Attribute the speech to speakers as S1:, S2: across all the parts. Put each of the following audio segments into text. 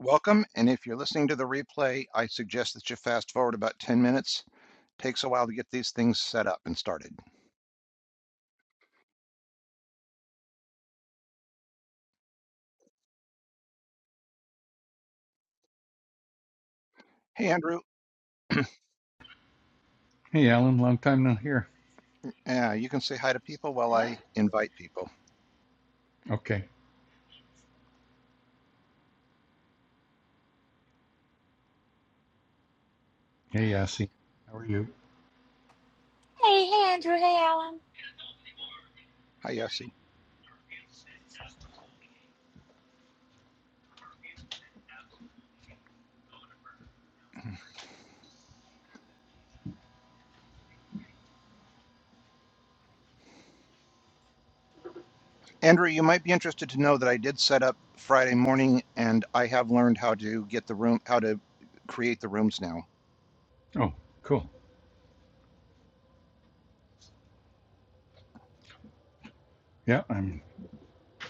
S1: Welcome, and if you're listening to the replay, I suggest that you fast forward about 10 minutes. It Takes a while to get these things set up and started. Hey, Andrew,
S2: Hey, Alan, long time no hear.
S1: uh, you can say hi to people while
S2: What?
S1: I invite people.
S2: Okay. Hey, Yassi. How are you?
S3: Hey, hey, Andrew. Hey, Alan.
S1: Hi, Yossi. Andrew, you might be interested to know that I did set up Friday morning, and I have learned how to get the room, how to create the rooms now.
S2: Oh, cool. Yeah, I'm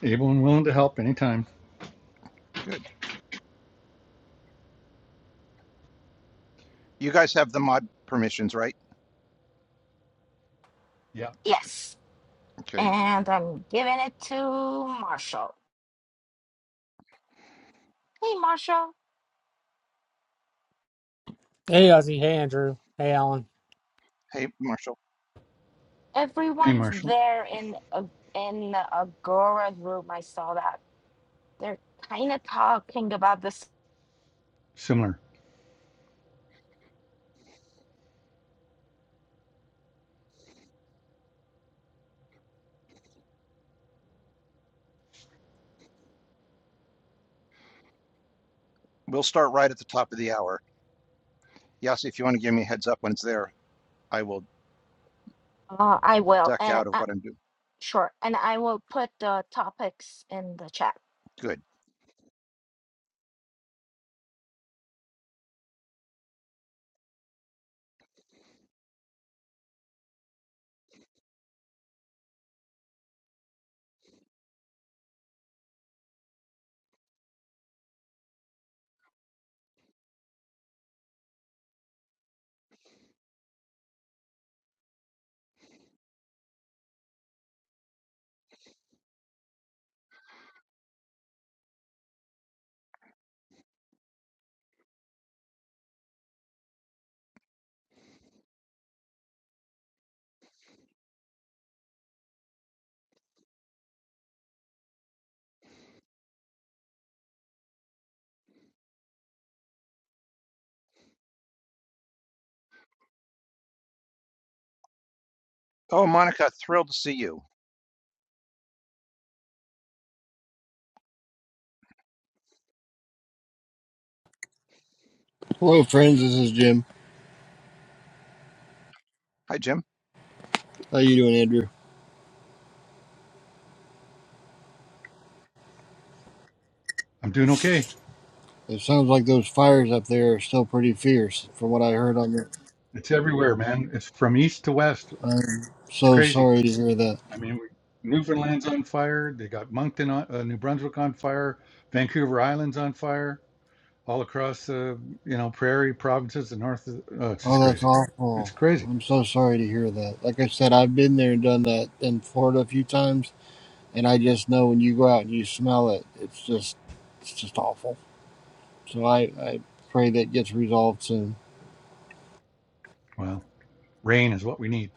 S2: able and willing to help anytime.
S1: Good. You guys have the mod permissions, right?
S2: Yeah.
S3: Yes.
S1: Okay.
S3: And I'm giving it to Marshall. Hey, Marshall.
S4: Hey, Ozzy. Hey, Andrew. Hey, Alan.
S1: Hey, Marshall,
S2: Hey,
S3: Everyone's
S2: Marshall.
S3: there in a- in Agora's room. I saw that. They're kind of talking about this.
S2: Similar.
S1: we'll start right at the top of the hour. Yossi, if you want to give me a heads up when it's there, I will
S3: Uh, I will.
S1: duck
S3: And
S1: out of
S3: uh,
S1: what I'm doing.
S3: sure. And I will put the topics in the chat.
S1: Good. Oh, Monica, thrilled to see you.
S5: Hello, friends. This is Jim.
S1: Hi, Jim.
S5: How you doing, Andrew?
S2: I'm doing okay.
S5: It sounds like those fires up there are still pretty fierce, from what I heard on the.
S2: It's everywhere, man. It's from east to west.
S5: I'm
S2: It's
S5: so
S2: crazy.
S5: sorry to hear that.
S2: I mean, Newfoundland's on fire. They got Moncton, on, uh, New Brunswick on fire. Vancouver Island's on fire. All across the, you know, prairie provinces, the north. Of, oh, it's just
S5: Oh, that's
S2: crazy. It's
S5: awful.
S2: crazy.
S5: I'm so sorry to hear that. Like I said, I've been there and done that in Florida a few times, and I just know when you go out and you smell it, it's just, it's just awful. So I, I pray that gets resolved soon.
S2: Well, rain is what we need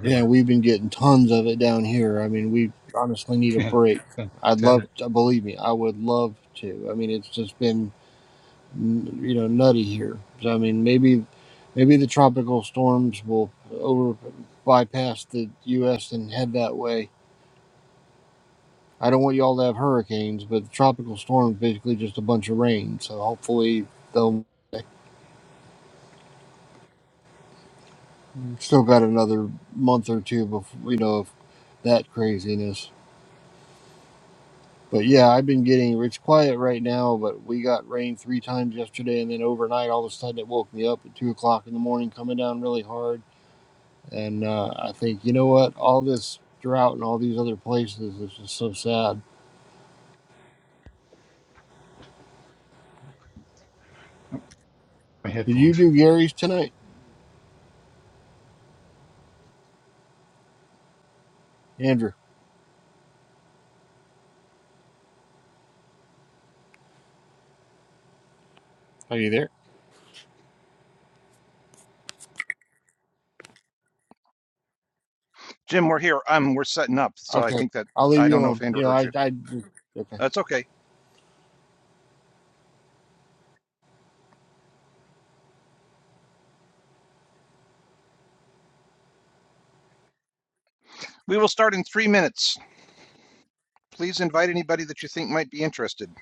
S5: Yeah, we've been getting tons of it down here. I mean, we honestly need a
S2: Yeah.
S5: break. I'd
S2: Send it.
S5: love to, believe me, I would love to. I mean, it's just been, n- you know, nutty here. So, I mean, maybe, maybe the tropical storms will over bypass the U.S. and head that way. I don't want y'all to have hurricanes, but the tropical storm is basically just a bunch of rain. So hopefully they'll still got another month or two before, you know, of that craziness. But yeah, I've been getting it's quiet right now, but we got rain three times yesterday, and then overnight, all of a sudden, it woke me up at two o'clock in the morning, coming down really hard. And uh, I think, you know what? All this drought and all these other places is just so sad.
S2: my
S5: Did you
S2: headphones.
S5: do Gary's tonight, Andrew? Are you there?
S1: Jim, we're here. Um, we're setting up, so I
S5: Okay,
S1: think that
S5: I'll leave
S1: I
S5: you
S1: don't know if
S5: alone.
S1: Andrew
S5: You know,
S1: heard
S5: I,
S1: you.
S5: I, okay.
S1: That's okay. We will start in three minutes. Please invite anybody that you think might be interested.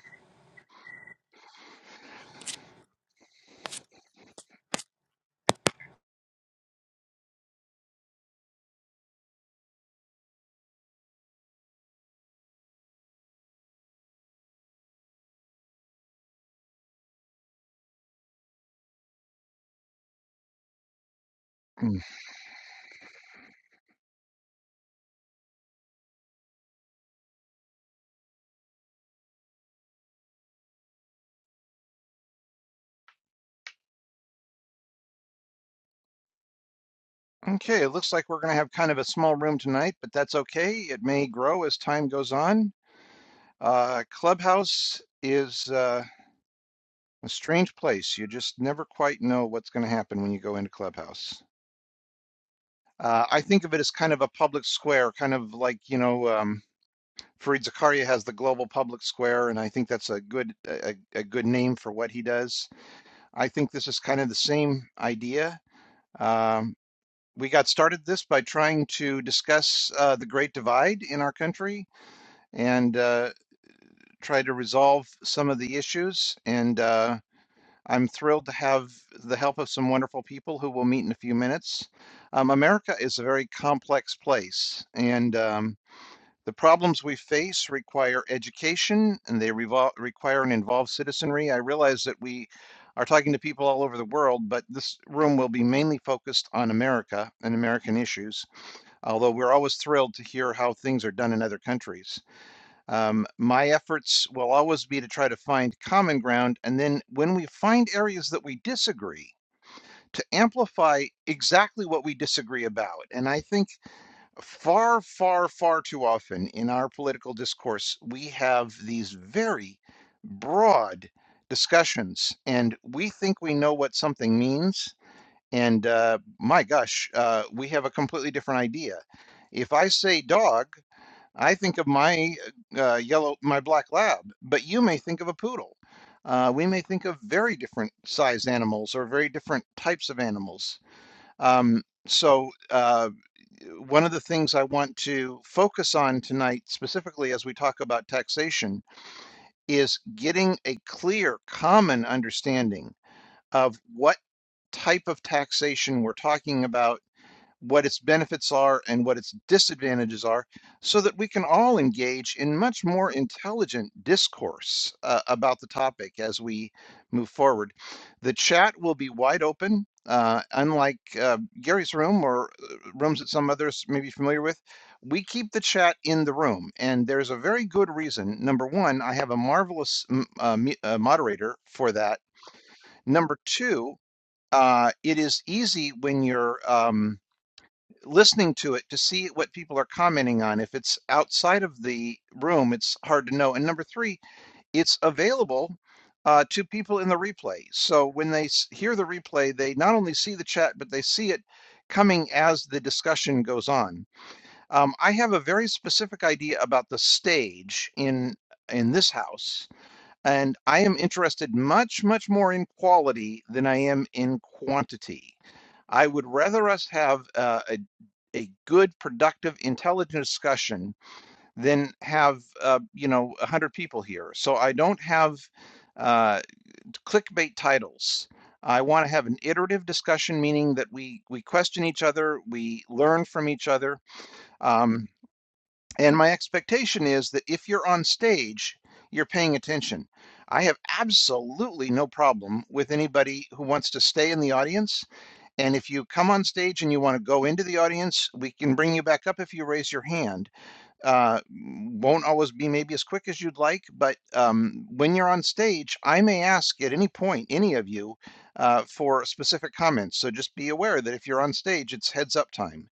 S1: Hmm. Okay, it looks like we're going to have kind of a small room tonight, but that's okay. It may grow as time goes on. Uh, Clubhouse is uh, a strange place. You just never quite know what's going to happen when you go into Clubhouse. Uh, I think of it as kind of a public square, kind of like, you know, um, Fareed Zakaria has the Global Public Square, and I think that's a good a, a good name for what he does. I think this is kind of the same idea. Um, we got started this by trying to discuss uh, the Great Divide in our country and uh, try to resolve some of the issues. And uh, I'm thrilled to have the help of some wonderful people who will meet in a few minutes. Um, America is a very complex place, and um, The problems we face require education and they revol require and involve citizenry. I realize that we are talking to people all over the world, but this room will be mainly focused on America and American issues, although we're always thrilled to hear how things are done in other countries. Um, my efforts will always be to try to find common ground, and then when we find areas that we disagree, to amplify exactly what we disagree about. And I think far, far, far too often in our political discourse, we have these very broad discussions, and we think we know what something means. And uh, my gosh, uh, we have a completely different idea. If I say dog, I think of my uh, yellow, my black lab, but you may think of a poodle. Uh, we may think of very different sized animals or very different types of animals. Um, so, uh, one of the things I want to focus on tonight, specifically as we talk about taxation, is getting a clear, common understanding of what type of taxation we're talking about what its benefits are and what its disadvantages are, so that we can all engage in much more intelligent discourse uh, about the topic as we move forward. The chat will be wide open. Uh, unlike uh, Gary's room or uh, rooms that some others may be familiar with, we keep the chat in the room. And there's a very good reason. Number one, I have a marvelous mm, uh, me- uh, moderator for that. Number two, uh, it is easy when you're. Um, listening to it to see what people are commenting on. If it's outside of the room, it's hard to know. And number three, it's available uh, to people in the replay. So when they hear the replay, they not only see the chat, but they see it coming as the discussion goes on. Um, I have a very specific idea about the stage in in this house, and I am interested much, much more in quality than I am in quantity. I would rather us have uh, a a good, productive, intelligent discussion than have, uh, you know, 100 people here. So I don't have uh, clickbait titles. I want to have an iterative discussion, meaning that we, we question each other, we learn from each other. Um, and my expectation is that if you're on stage, you're paying attention. I have absolutely no problem with anybody who wants to stay in the audience and if you come on stage and you want to go into the audience, we can bring you back up if you raise your hand. Uh, won't always be maybe as quick as you'd like, but um, when you're on stage, I may ask at any point, any of you, uh, for specific comments. So just be aware that if you're on stage, it's heads up time.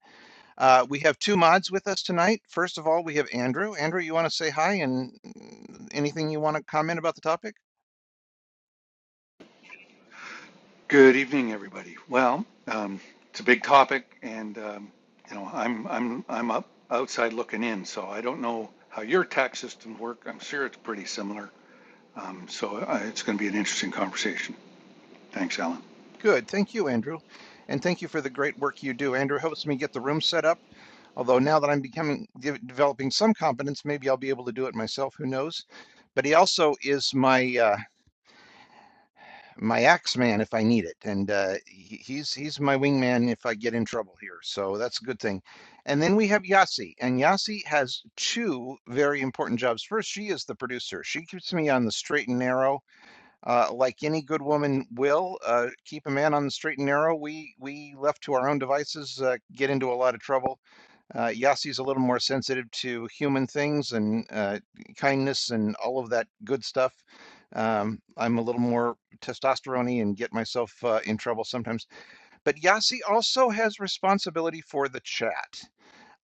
S1: Uh, we have two mods with us tonight. First of all, we have Andrew. Andrew, you want to say hi and mm, anything you want to comment about the topic?
S2: Good evening, everybody. Well, um, it's a big topic, and um, you know, I'm I'm I'm up outside looking in, so I don't know how your tax systems work. I'm sure it's pretty similar. Um, so I, it's going to be an interesting conversation. Thanks, Alan.
S1: Good. Thank you, Andrew. And thank you for the great work you do. Andrew helps me get the room set up. Although now that I'm becoming de- developing some competence, maybe I'll be able to do it myself. Who knows? But he also is my uh, my axe man if I need it, and uh, he, he's he's my wingman if I get in trouble here. So that's a good thing. And then we have Yasi, and Yasi has two very important jobs. First, she is the producer. She keeps me on the straight and narrow uh, like any good woman will, uh, keep a man on the straight and narrow. We we left to our own devices uh, get into a lot of trouble. Uh, Yassi's a little more sensitive to human things and uh, kindness and all of that good stuff. Um, I'm a little more testosterone and get myself uh, in trouble sometimes. But Yassi also has responsibility for the chat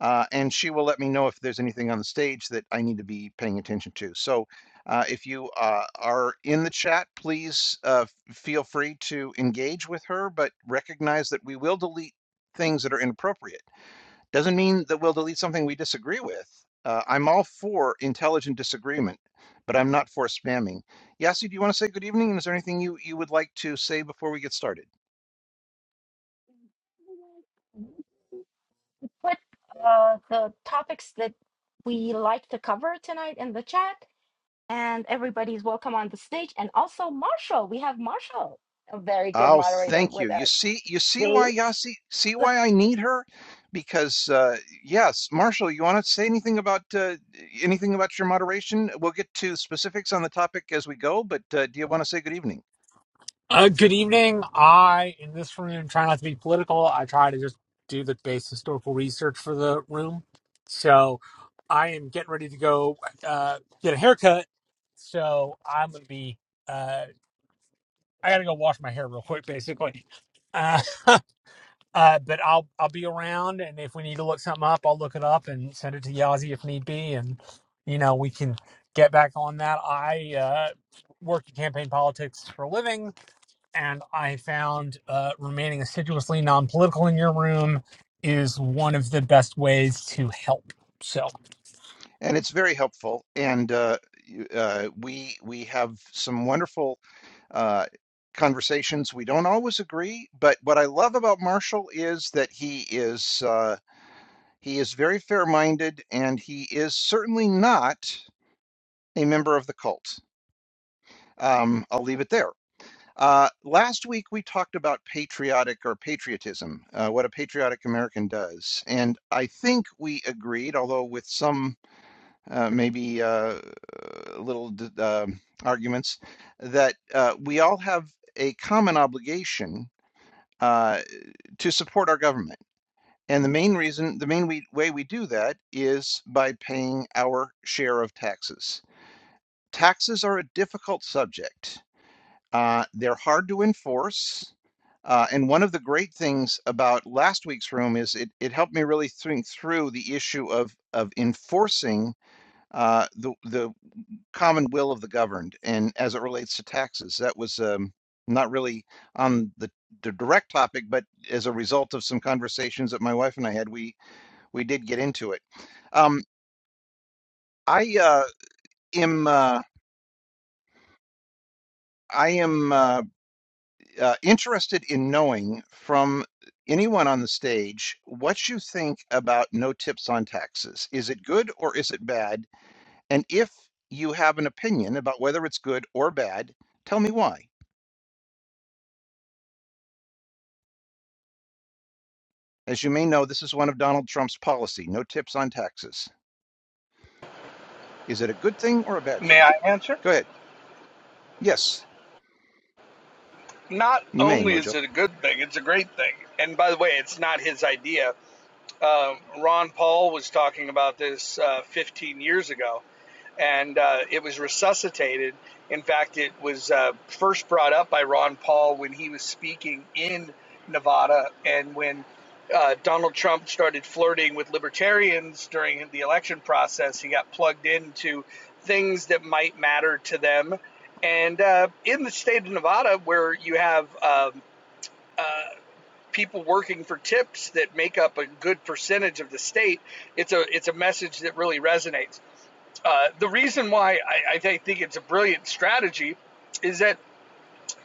S1: uh, and she will let me know if there's anything on the stage that I need to be paying attention to. So uh, if you uh, are in the chat, please uh, feel free to engage with her, but recognize that we will delete things that are inappropriate. Doesn't mean that we'll delete something we disagree with. Uh, I'm all for intelligent disagreement, but I'm not for spamming. Yasi, do you want to say good evening? And is there anything you, you would like to say before we get started?
S3: Put uh, the topics that we like to cover tonight in the chat and everybody's welcome on the stage. And also Marshall, we have Marshall, a very good
S1: Oh,
S3: moderator
S1: thank you.
S3: with
S1: You
S3: us.
S1: see, you see why
S3: See?
S1: Yasi, see why I need her? Because uh yes, Marshall, you want to say anything about uh, anything about your moderation? We'll get to specifics on the topic as we go, but uh, do you want to say good evening?
S4: Uh, good evening. I, in this room, try not to be political. I try to just do the base historical research for the room. So I am getting ready to go uh, get a haircut. So I'm going to be, uh, I got to go wash my hair real quick, basically. Uh, Uh, but I'll I'll be around, and if we need to look something up, I'll look it up and send it to Yazi if need be, and you know we can get back on that. I uh, work in campaign politics for a living, and I found uh, remaining assiduously non-political in your room is one of the best ways to help. So
S1: And it's very helpful. And uh, you- uh, we we have some wonderful uh, conversations. We don't always agree, but what I love about Marshall is that he is uh, he is very fair-minded, and he is certainly not. a member of the cult. Um, I'll leave it there. Uh, last week we talked about patriotic or patriotism, uh, what a patriotic American does, and I think we agreed, although with some uh, maybe uh, little d- um arguments, that uh, we all have a common obligation uh, to support our government. And the main reason, the main we, way we do that is by paying our share of taxes. Taxes are a difficult subject Uh, they're hard to enforce. Uh, and one of the great things about last week's room is it, it helped me really think through the issue of of enforcing uh, the the common will of the governed, and as it relates to taxes, that was um, not really on the, the direct topic, but as a result of some conversations that my wife and I had, we we did get into it. Um, I uh, am uh, I am. Uh, uh, interested in knowing from anyone on the stage what you think about no tips on taxes. Is it good or is it bad? And if you have an opinion about whether it's good or bad, tell me why. As you may know, this is one of Donald Trump's policy no tips on taxes. Is it a good thing or a bad
S6: May
S1: thing?
S6: I answer?
S1: Go ahead. Yes,
S6: Not
S1: you may,
S6: only is
S1: Mojo.
S6: it a good thing, it's a great thing. And by the way, it's not his idea. Um, Ron Paul was talking about this uh, 15 years ago. and uh, it was resuscitated. In fact, it was uh, first brought up by Ron Paul when he was speaking in Nevada, and when uh, Donald Trump started flirting with libertarians during the election process, he got plugged into things that might matter to them. And uh, in the state of Nevada, where you have um, uh, people working for tips that make up a good percentage of the state, it's a it's a message that really resonates. Uh, the reason why I, I think it's a brilliant strategy is that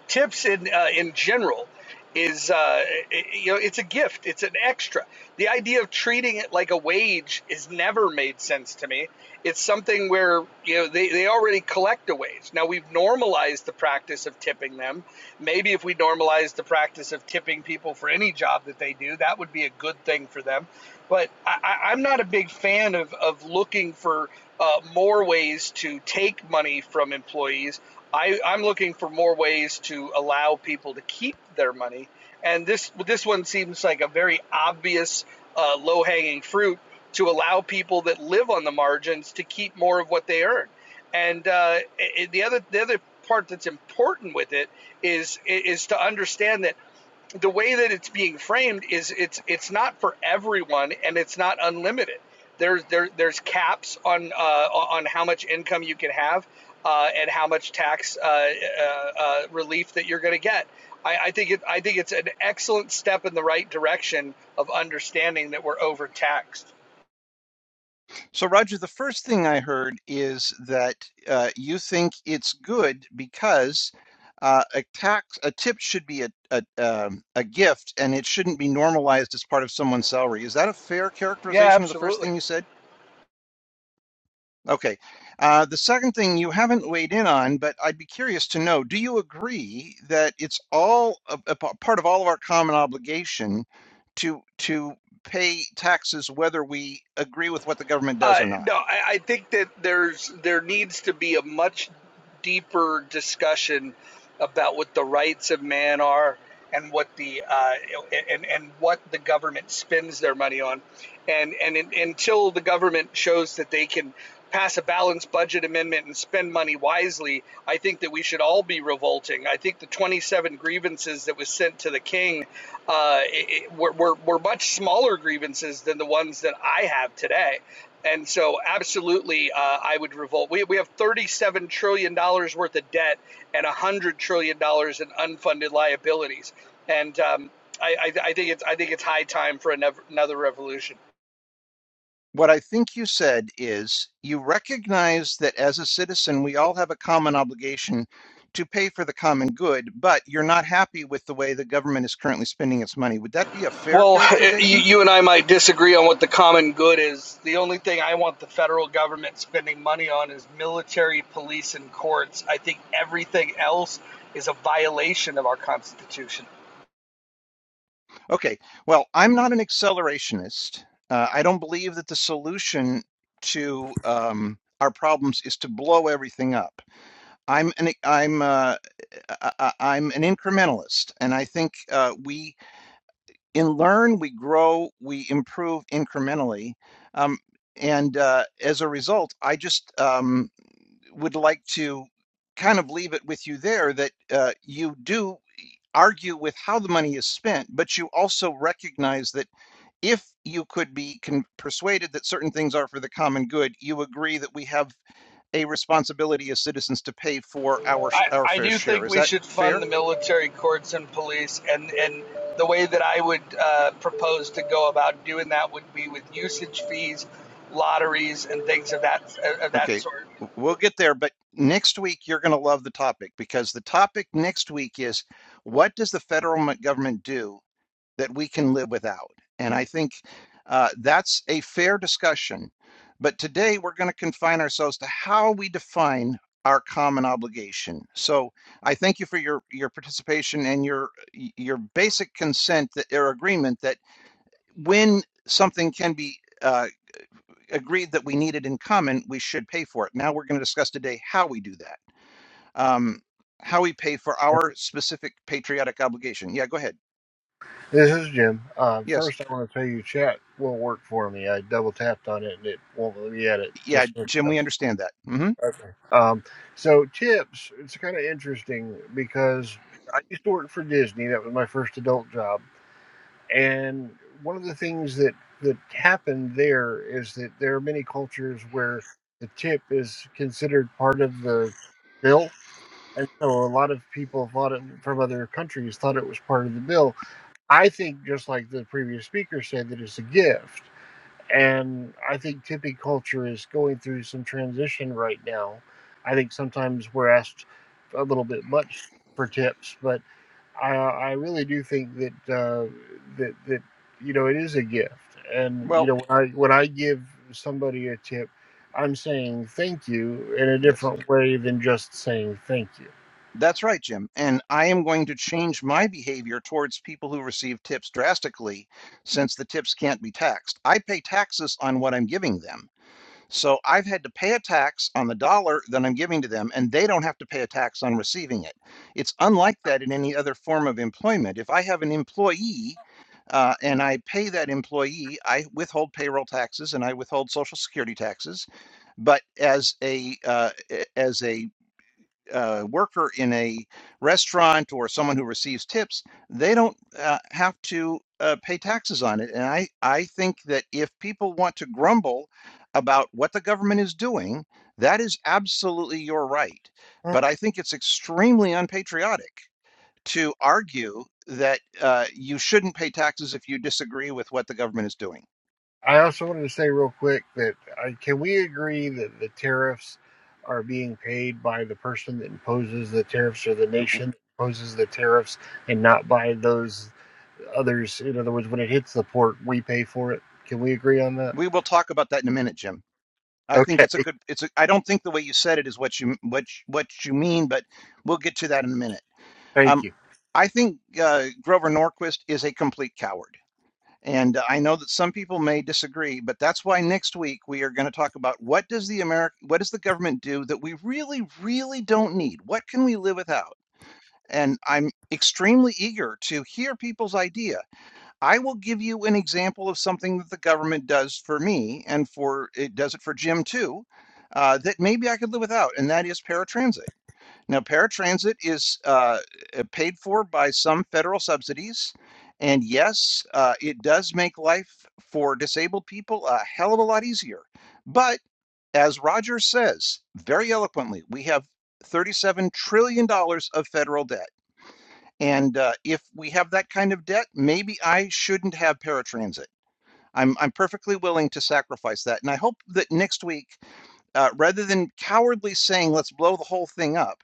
S6: tips in uh, in general is uh, you know it's a gift it's an extra the idea of treating it like a wage has never made sense to me it's something where you know they, they already collect a wage now we've normalized the practice of tipping them maybe if we normalized the practice of tipping people for any job that they do that would be a good thing for them but I, I- i'm not a big fan of, of looking for uh, more ways to take money from employees I, I'm looking for more ways to allow people to keep their money, and this this one seems like a very obvious uh, low hanging fruit to allow people that live on the margins to keep more of what they earn. And uh, i- the other the other part that's important with it is is to understand that the way that it's being framed is it's it's not for everyone and it's not unlimited. There's there there's caps on uh, on how much income you can have uh, and how much tax uh, uh, uh, relief that you're going to get. I, I think it I think it's an excellent step in the right direction of understanding that we're overtaxed.
S1: So, Roger, the first thing I heard is that uh, you think it's good because uh, a tax, a tip should be a, a, um, a gift and it shouldn't be normalized as part of someone's salary. Is that a fair
S6: Yeah,
S1: characterization of the first
S6: absolutely.
S1: thing you said? Okay. Uh, the second thing you haven't weighed in on, but I'd be curious to know, do you agree that it's all a, a part of all of our common obligation to to pay taxes whether we agree with what the government does
S6: Uh,
S1: or not?
S6: no, I, I think that there's there needs to be a much deeper discussion about what the rights of man are and what the uh, and and what the government spends their money on, and and in, until the government shows that they can pass a balanced budget amendment and spend money wisely, I think that we should all be revolting. I think the 27 grievances that was sent to the king uh, it, it- were, were were much smaller grievances than the ones that I have today and so, absolutely, uh, I would revolt. We, we have $37 trillion dollars worth of debt and $100 trillion dollars in unfunded liabilities. And um, I, I, I think it's I think it's high time for another, revolution.
S1: What I think you said is you recognize that as a citizen, we all have a common obligation to pay for the common good, but you're not happy with the way the government is currently spending its money. Would that be a fair
S6: Well, you,
S1: characterization?
S6: you and I might disagree on what the common good is. The only thing I want the federal government spending money on is military, police, and courts. I think everything else is a violation of our Constitution.
S1: Okay, well, I'm not an accelerationist. Uh, I don't believe that the solution to um, our problems is to blow everything up. I'm an, I'm uh I, I- am an incrementalist, and I think uh, we in learn, we grow, we improve incrementally, um, and uh, as a result, I just um, would like to kind of leave it with you there that uh, you do argue with how the money is spent, but you also recognize that if you could be con- persuaded that certain things are for the common good, you agree that we have a responsibility as citizens to pay for our sh-
S6: I,
S1: our
S6: I
S1: fair
S6: do
S1: share.
S6: think
S1: Is
S6: we
S1: that
S6: should fund the
S1: fair?
S6: military courts and police, and, and the way that I would uh, propose to go about doing that would be with usage fees, lotteries, and things of that of that
S1: Okay,
S6: sort.
S1: we'll get there, but next week you're going to love the topic because the topic next week is what does the federal government do that we can live without? And I think uh, that's a fair discussion. But today we're going to confine ourselves to how we define our common obligation. So I thank you for your your participation and your your basic consent that, or agreement that when something can be. uh, agreed that we need it in common, we should pay for it. Now we're going to discuss today how we do that, um, how we pay for our specific patriotic obligation. Yeah, go ahead.
S5: This is Jim. Uh,
S1: Yes.
S5: first, I want to tell you, chat won't work for me. I double tapped on it and it won't let me edit.
S1: Yeah,
S5: Just look
S1: Jim, we understand that. hmm
S5: Um, so tips, it's kind of interesting because I used to work for Disney. That was my first adult job, and one of the things that that happened there is that there are many cultures where the tip is considered part of the bill, and so a lot of people thought it from other countries thought it was part of the bill. I think, just like the previous speaker said, that it's a gift. And I think tipping culture is going through some transition right now. I think sometimes we're asked a little bit much for tips, but I, I really do think that uh, that that you know it is a gift. And you
S1: Well,
S5: know when I when I give somebody a tip, I'm saying thank you in a
S1: yes.
S5: different way than just saying thank you.
S1: That's right, Jim. And I am going to change my behavior towards people who receive tips drastically since the tips can't be taxed. I pay taxes on what I'm giving them. So I've had to pay a tax on the dollar that I'm giving to them, and they don't have to pay a tax on receiving it. It's unlike that in any other form of employment. If I have an employee uh, and I pay that employee, I withhold payroll taxes and I withhold social security taxes. But as a uh, a- as a uh, worker in a restaurant or someone who receives tips, they don't uh, have to uh, pay taxes on it. And I, I think that if people want to grumble about what the government is doing, that is absolutely your right. But I think it's extremely unpatriotic to argue that uh, you shouldn't pay taxes if you disagree with what the government is doing.
S5: I also wanted to say real quick that uh, can we agree that the tariffs are being paid by the person that imposes the tariffs or the nation that imposes the tariffs and not by those others? In other words, when it hits the port, we pay for it. Can we agree on that?
S1: We will talk about that in a minute, Jim. I think
S5: Okay,
S1: it's a good. It's. A, I don't think the way you said it is what you what you- what you mean, but we'll get to that in a minute.
S5: thank
S1: Um,
S5: you.
S1: I think uh, Grover Norquist is a complete coward, and I know that some people may disagree, but that's why next week we are going to talk about what does the America, what does the government do that we really, really don't need? What can we live without? And I'm extremely eager to hear people's ideas I will give you an example of something that the government does for me and for it does it for Jim too, uh, that maybe I could live without, and that is paratransit. Now, paratransit is uh, uh, paid for by some federal subsidies. And yes, uh, it does make life for disabled people a hell of a lot easier. But as Roger says very eloquently, we have $37 trillion dollars of federal debt. And uh, if we have that kind of debt, maybe I shouldn't have paratransit. I'm, I'm perfectly willing to sacrifice that. And I hope that next week, uh, rather than cowardly saying, let's blow the whole thing up,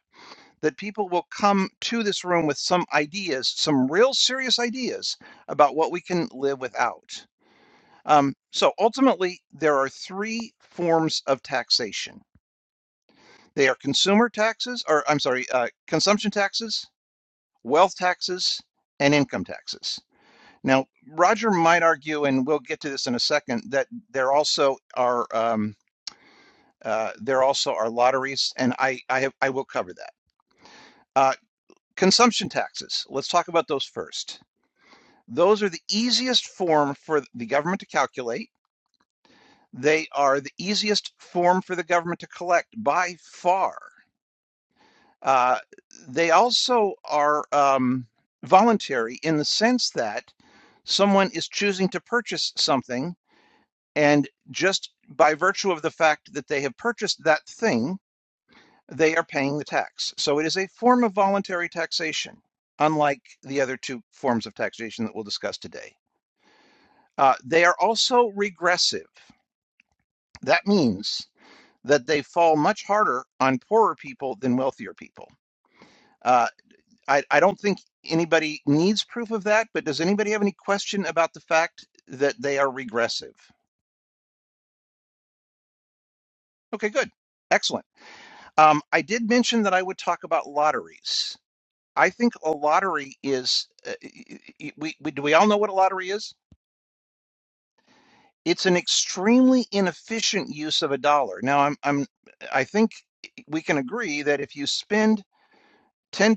S1: that people will come to this room with some ideas, some real serious ideas about what we can live without. Um, so ultimately, there are three forms of taxation they are consumer taxes, or I'm sorry, uh, consumption taxes, wealth taxes, and income taxes. Now, Roger might argue, and we'll get to this in a second, that there also are um, uh, there also are lotteries, and I I, have, I will cover that. Uh, consumption taxes. Let's talk about those first. Those are the easiest form for the government to calculate. They are the easiest form for the government to collect by far. Uh, they also are um, voluntary in the sense that someone is choosing to purchase something And just by virtue of the fact that they have purchased that thing, they are paying the tax. So it is a form of voluntary taxation, unlike the other two forms of taxation that we'll discuss today. Uh, they are also regressive. That means that they fall much harder on poorer people than wealthier people. Uh, I, I don't think anybody needs proof of that, but does anybody have any question about the fact that they are regressive? Okay, good. Excellent. Um, I did mention that I would talk about lotteries. I think a lottery is, uh, we, we, do we all know what a lottery is? It's an extremely inefficient use of a dollar. Now, I'm, I'm, I think we can agree that if you spend $10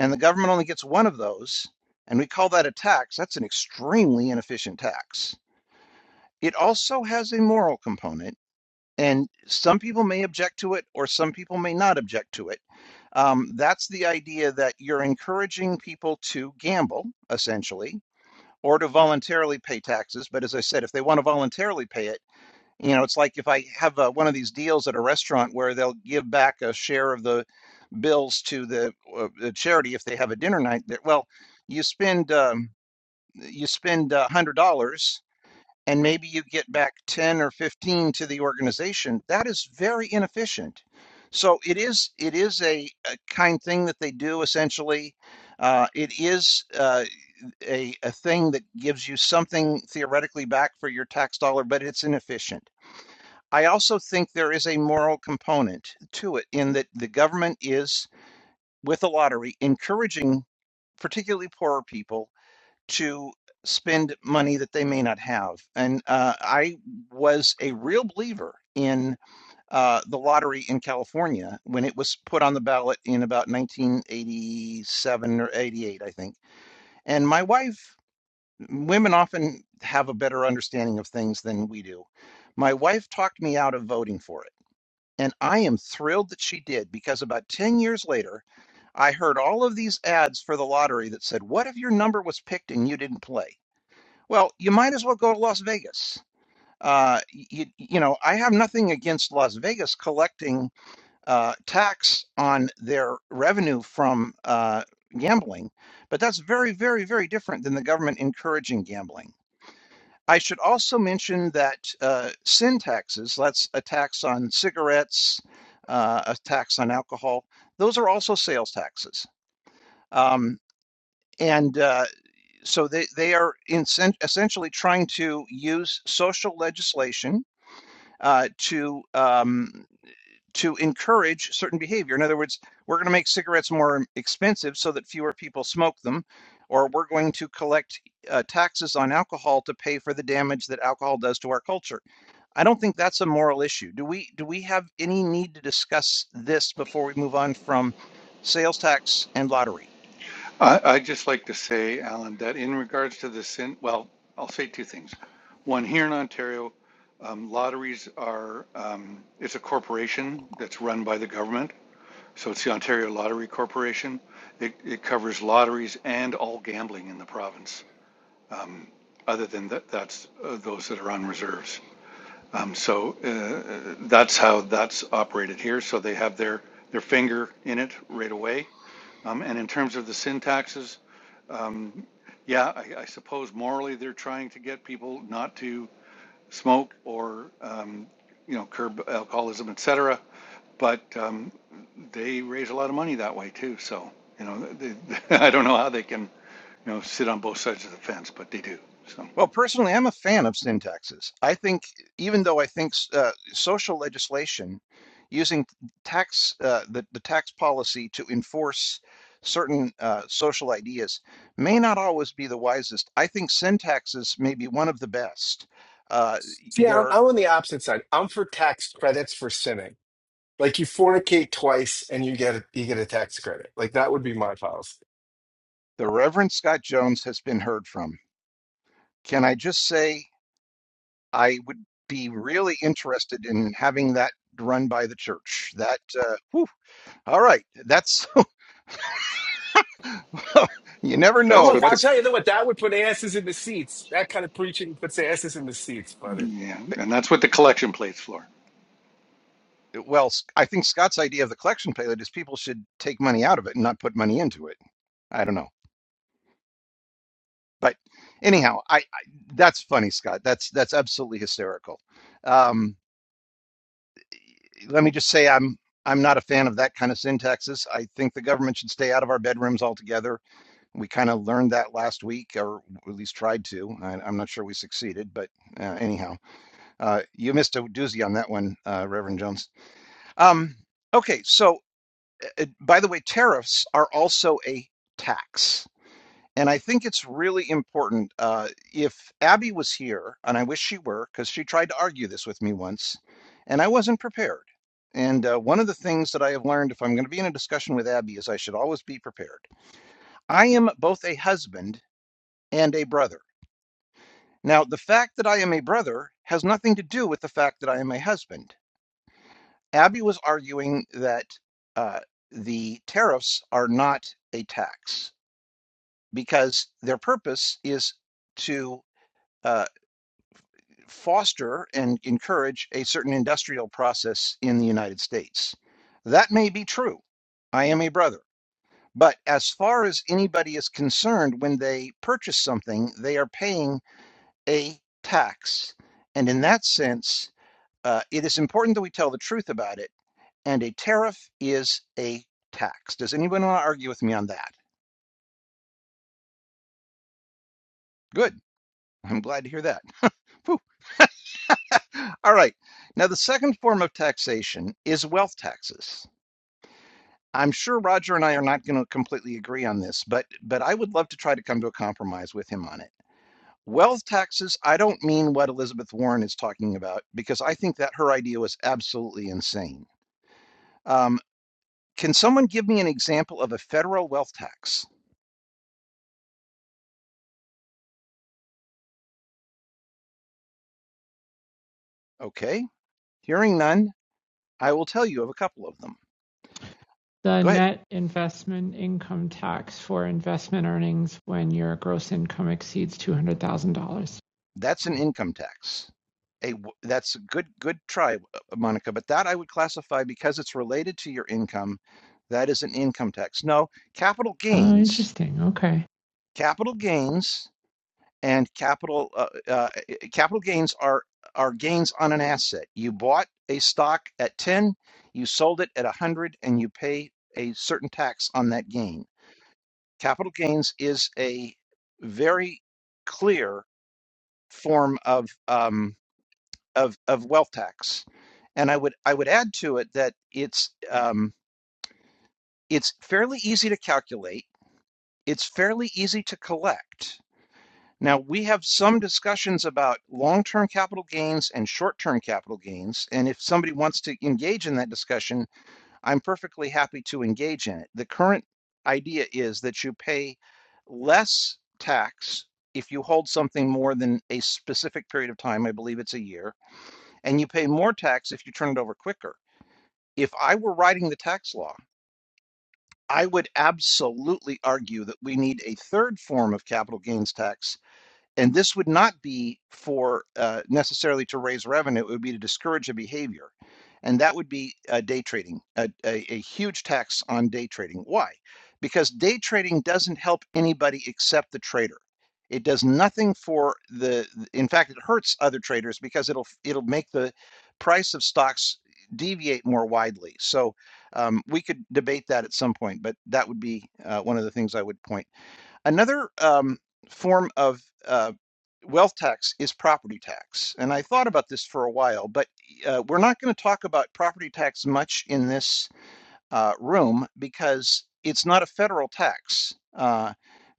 S1: and the government only gets one of those, and we call that a tax, that's an extremely inefficient tax. It also has a moral component, and some people may object to it, or some people may not object to it Um, that's the idea that you're encouraging people to gamble, essentially, or to voluntarily pay taxes. But as I said, if they want to voluntarily pay it, you know, it's like if I have uh, one of these deals at a restaurant where they'll give back a share of the bills to the, uh, the charity if they have a dinner night. That well, you spend um, you spend a hundred dollars and maybe you get back 10 or 15 to the organization that is very inefficient so it is it is a, a kind thing that they do essentially uh, it is uh, a, a thing that gives you something theoretically back for your tax dollar but it's inefficient i also think there is a moral component to it in that the government is with the lottery encouraging particularly poorer people to spend money that they may not have. And uh, I was a real believer in uh, the lottery in California when it was put on the ballot in about 1987 or 88, I think. And my wife, women often have a better understanding of things than we do. My wife talked me out of voting for it. And I am thrilled that she did because about 10 years later, I heard all of these ads for the lottery that said, What if your number was picked and you didn't play? Well, you might as well go to Las Vegas. Uh, you, you know, I have nothing against Las Vegas collecting uh, tax on their revenue from uh, gambling, but that's very, very, very different than the government encouraging gambling. I should also mention that uh, sin taxes, that's a tax on cigarettes, uh, a tax on alcohol, those are also sales taxes. Um, and uh, so they, they are in, essentially trying to use social legislation uh, to um, to encourage certain behavior. In other words, we're going to make cigarettes more expensive so that fewer people smoke them, or we're going to collect uh, taxes on alcohol to pay for the damage that alcohol does to our culture. I don't think that's a moral issue. Do we do we have any need to discuss this before we move on from sales tax and lottery?
S2: I, I'd just like to say, Alan, that in regards to the sin, well, I'll say two things. One, here in Ontario, um, lotteries are um, it's a corporation that's run by the government So it's the Ontario Lottery Corporation. It, it covers lotteries and all gambling in the province, um, other than that, that's uh, those that are on reserves. Um, so uh, that's how that's operated here. So they have their, their finger in it right away. Um, and in terms of the sin taxes, um, yeah, I, I suppose morally they're trying to get people not to smoke or um, you know curb alcoholism, etc but um, they raise a lot of money that way too. So you know, they, I don't know how they can you know sit on both sides of the fence, but they do. So
S1: Well, personally, I'm a fan of syntaxes. I think, even though I think uh, social legislation using tax uh, the, the tax policy to enforce certain uh, social ideas may not always be the wisest. I think syntaxes may be one of the best. Uh,
S7: See, I'm,
S1: there,
S7: I'm on the opposite side. I'm for tax credits for sinning. Like you fornicate twice and you get a, you get a tax credit. Like that would be my policy.
S1: the Reverend Scott Jones has been heard from. Can I just say I would be really interested in having that run by the church? That uh, whew, all right. That's you never
S7: Well,
S1: know
S2: that's
S7: look,
S2: what
S7: I'll
S2: the
S1: what's
S7: tell you what, that would put asses in the seats. That kind of preaching puts asses in the seats, buddy.
S2: yeah, and that's what the collection plates for.
S1: well I think scott's idea of the collection plate is people should take money out of it and not put money into it i don't know but anyhow i, I that's funny scott that's that's absolutely hysterical um, let me just say i'm i'm not a fan of that kind of syntaxes i think the government should stay out of our bedrooms altogether we kind of learned that last week or at least tried to I, i'm not sure we succeeded but uh, anyhow uh, you missed a doozy on that one uh, reverend jones um, okay so uh, by the way, tariffs are also a tax. And I think it's really important. Uh, if Abby was here, and I wish she were, because she tried to argue this with me once, and I wasn't prepared. And uh, one of the things that I have learned if I'm going to be in a discussion with Abby is I should always be prepared. I am both a husband and a brother. Now, the fact that I am a brother has nothing to do with the fact that I am a husband. Abby was arguing that uh, the tariffs are not a tax. because their purpose is to uh, foster and encourage a certain industrial process in the United States. That may be true. I am a brother. But as far as anybody is concerned, when they purchase something, they are paying a tax. And in that sense, uh, it is important that we tell the truth about it. And a tariff is a tax. Does anyone want to argue with me on that? Good. I'm glad to hear that. Phew. All right. Now, the second form of taxation is wealth taxes. I'm sure Roger and I are not going to completely agree on this, but but I would love to try to come to a compromise with him on it. Wealth taxes, I don't mean what Elizabeth Warren is talking about because I think that her idea was absolutely insane. Um, can someone give me an example of a federal wealth tax? Okay. Hearing none, I will tell you of a couple of them.
S8: the
S1: Go ahead.
S8: net investment income tax for investment earnings when your gross income exceeds $200,000.
S1: That's an income tax. A that's a good good try, uh, Monica, but that I would classify because it's related to your income. That is an income tax. No, capital
S8: Oh,
S1: gains,
S8: interesting. Okay.
S1: capital gains, and capital uh, uh, eh, eh, capital gains are are gains on an asset. You bought a stock at ten, you sold it at a hundred, and you pay a certain tax on that gain. Capital gains is a very clear form of. um. of of wealth tax. And I would I would add to it that it's um, it's fairly easy to calculate. It's fairly easy to collect. Now we have some discussions about long-term capital gains and short-term capital gains, and if somebody wants to engage in that discussion, I'm perfectly happy to engage in it. The current idea is that you pay less tax if you hold something more than a specific period of time, I believe it's a year, and you pay more tax if you turn it over quicker. If I were writing the tax law, I would absolutely argue that we need a third form of capital gains tax and this would not be for uh, necessarily to raise revenue, it would be to discourage a behavior. And that would be uh, day trading, a, a, a huge tax on day trading. Why? Because day trading doesn't help anybody except the trader. It does nothing for the, in fact, it hurts other traders because it'll it'll make the price of stocks deviate more widely. So um, we could debate that at some point, but that would be uh, one of the things I would point. Another um, form of uh, wealth tax is property tax. And I thought about this for a while, but uh, we're not going to talk about property tax much in this uh, room because it's not a federal tax. Uh,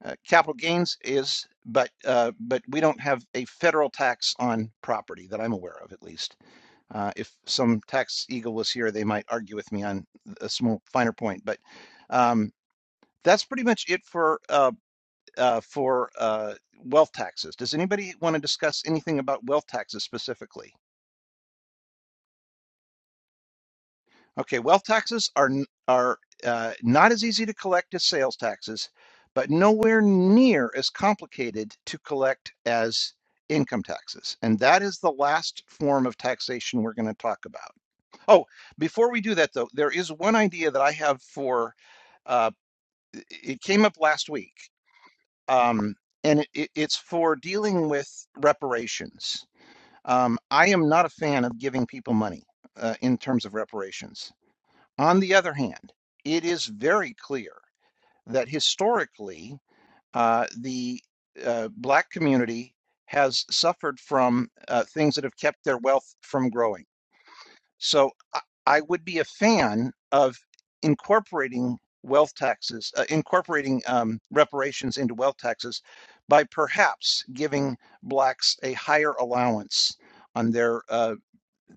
S1: uh, capital gains is, but uh, but we don't have a federal tax on property that I'm aware of, at least. Uh, if some tax eagle was here, they might argue with me on a small finer point, but um, that's pretty much it for uh, uh, for uh, wealth taxes. Does anybody want to discuss anything about wealth taxes specifically? Okay, wealth taxes are are uh, not as easy to collect as sales taxes, but nowhere near as complicated to collect as income taxes. And that is the last form of taxation we're going to talk about. Oh, before we do that though, there is one idea that I have for uh, it it came up last week, um, and it, it, it's for dealing with reparations. Um, I am not a fan of giving people money uh, in terms of reparations. On the other hand, it is very clear that historically uh, the uh, black community has suffered from uh, things that have kept their wealth from growing. So I, I would be a fan of incorporating wealth taxes, uh, incorporating um, reparations into wealth taxes by perhaps giving blacks a higher allowance on their uh,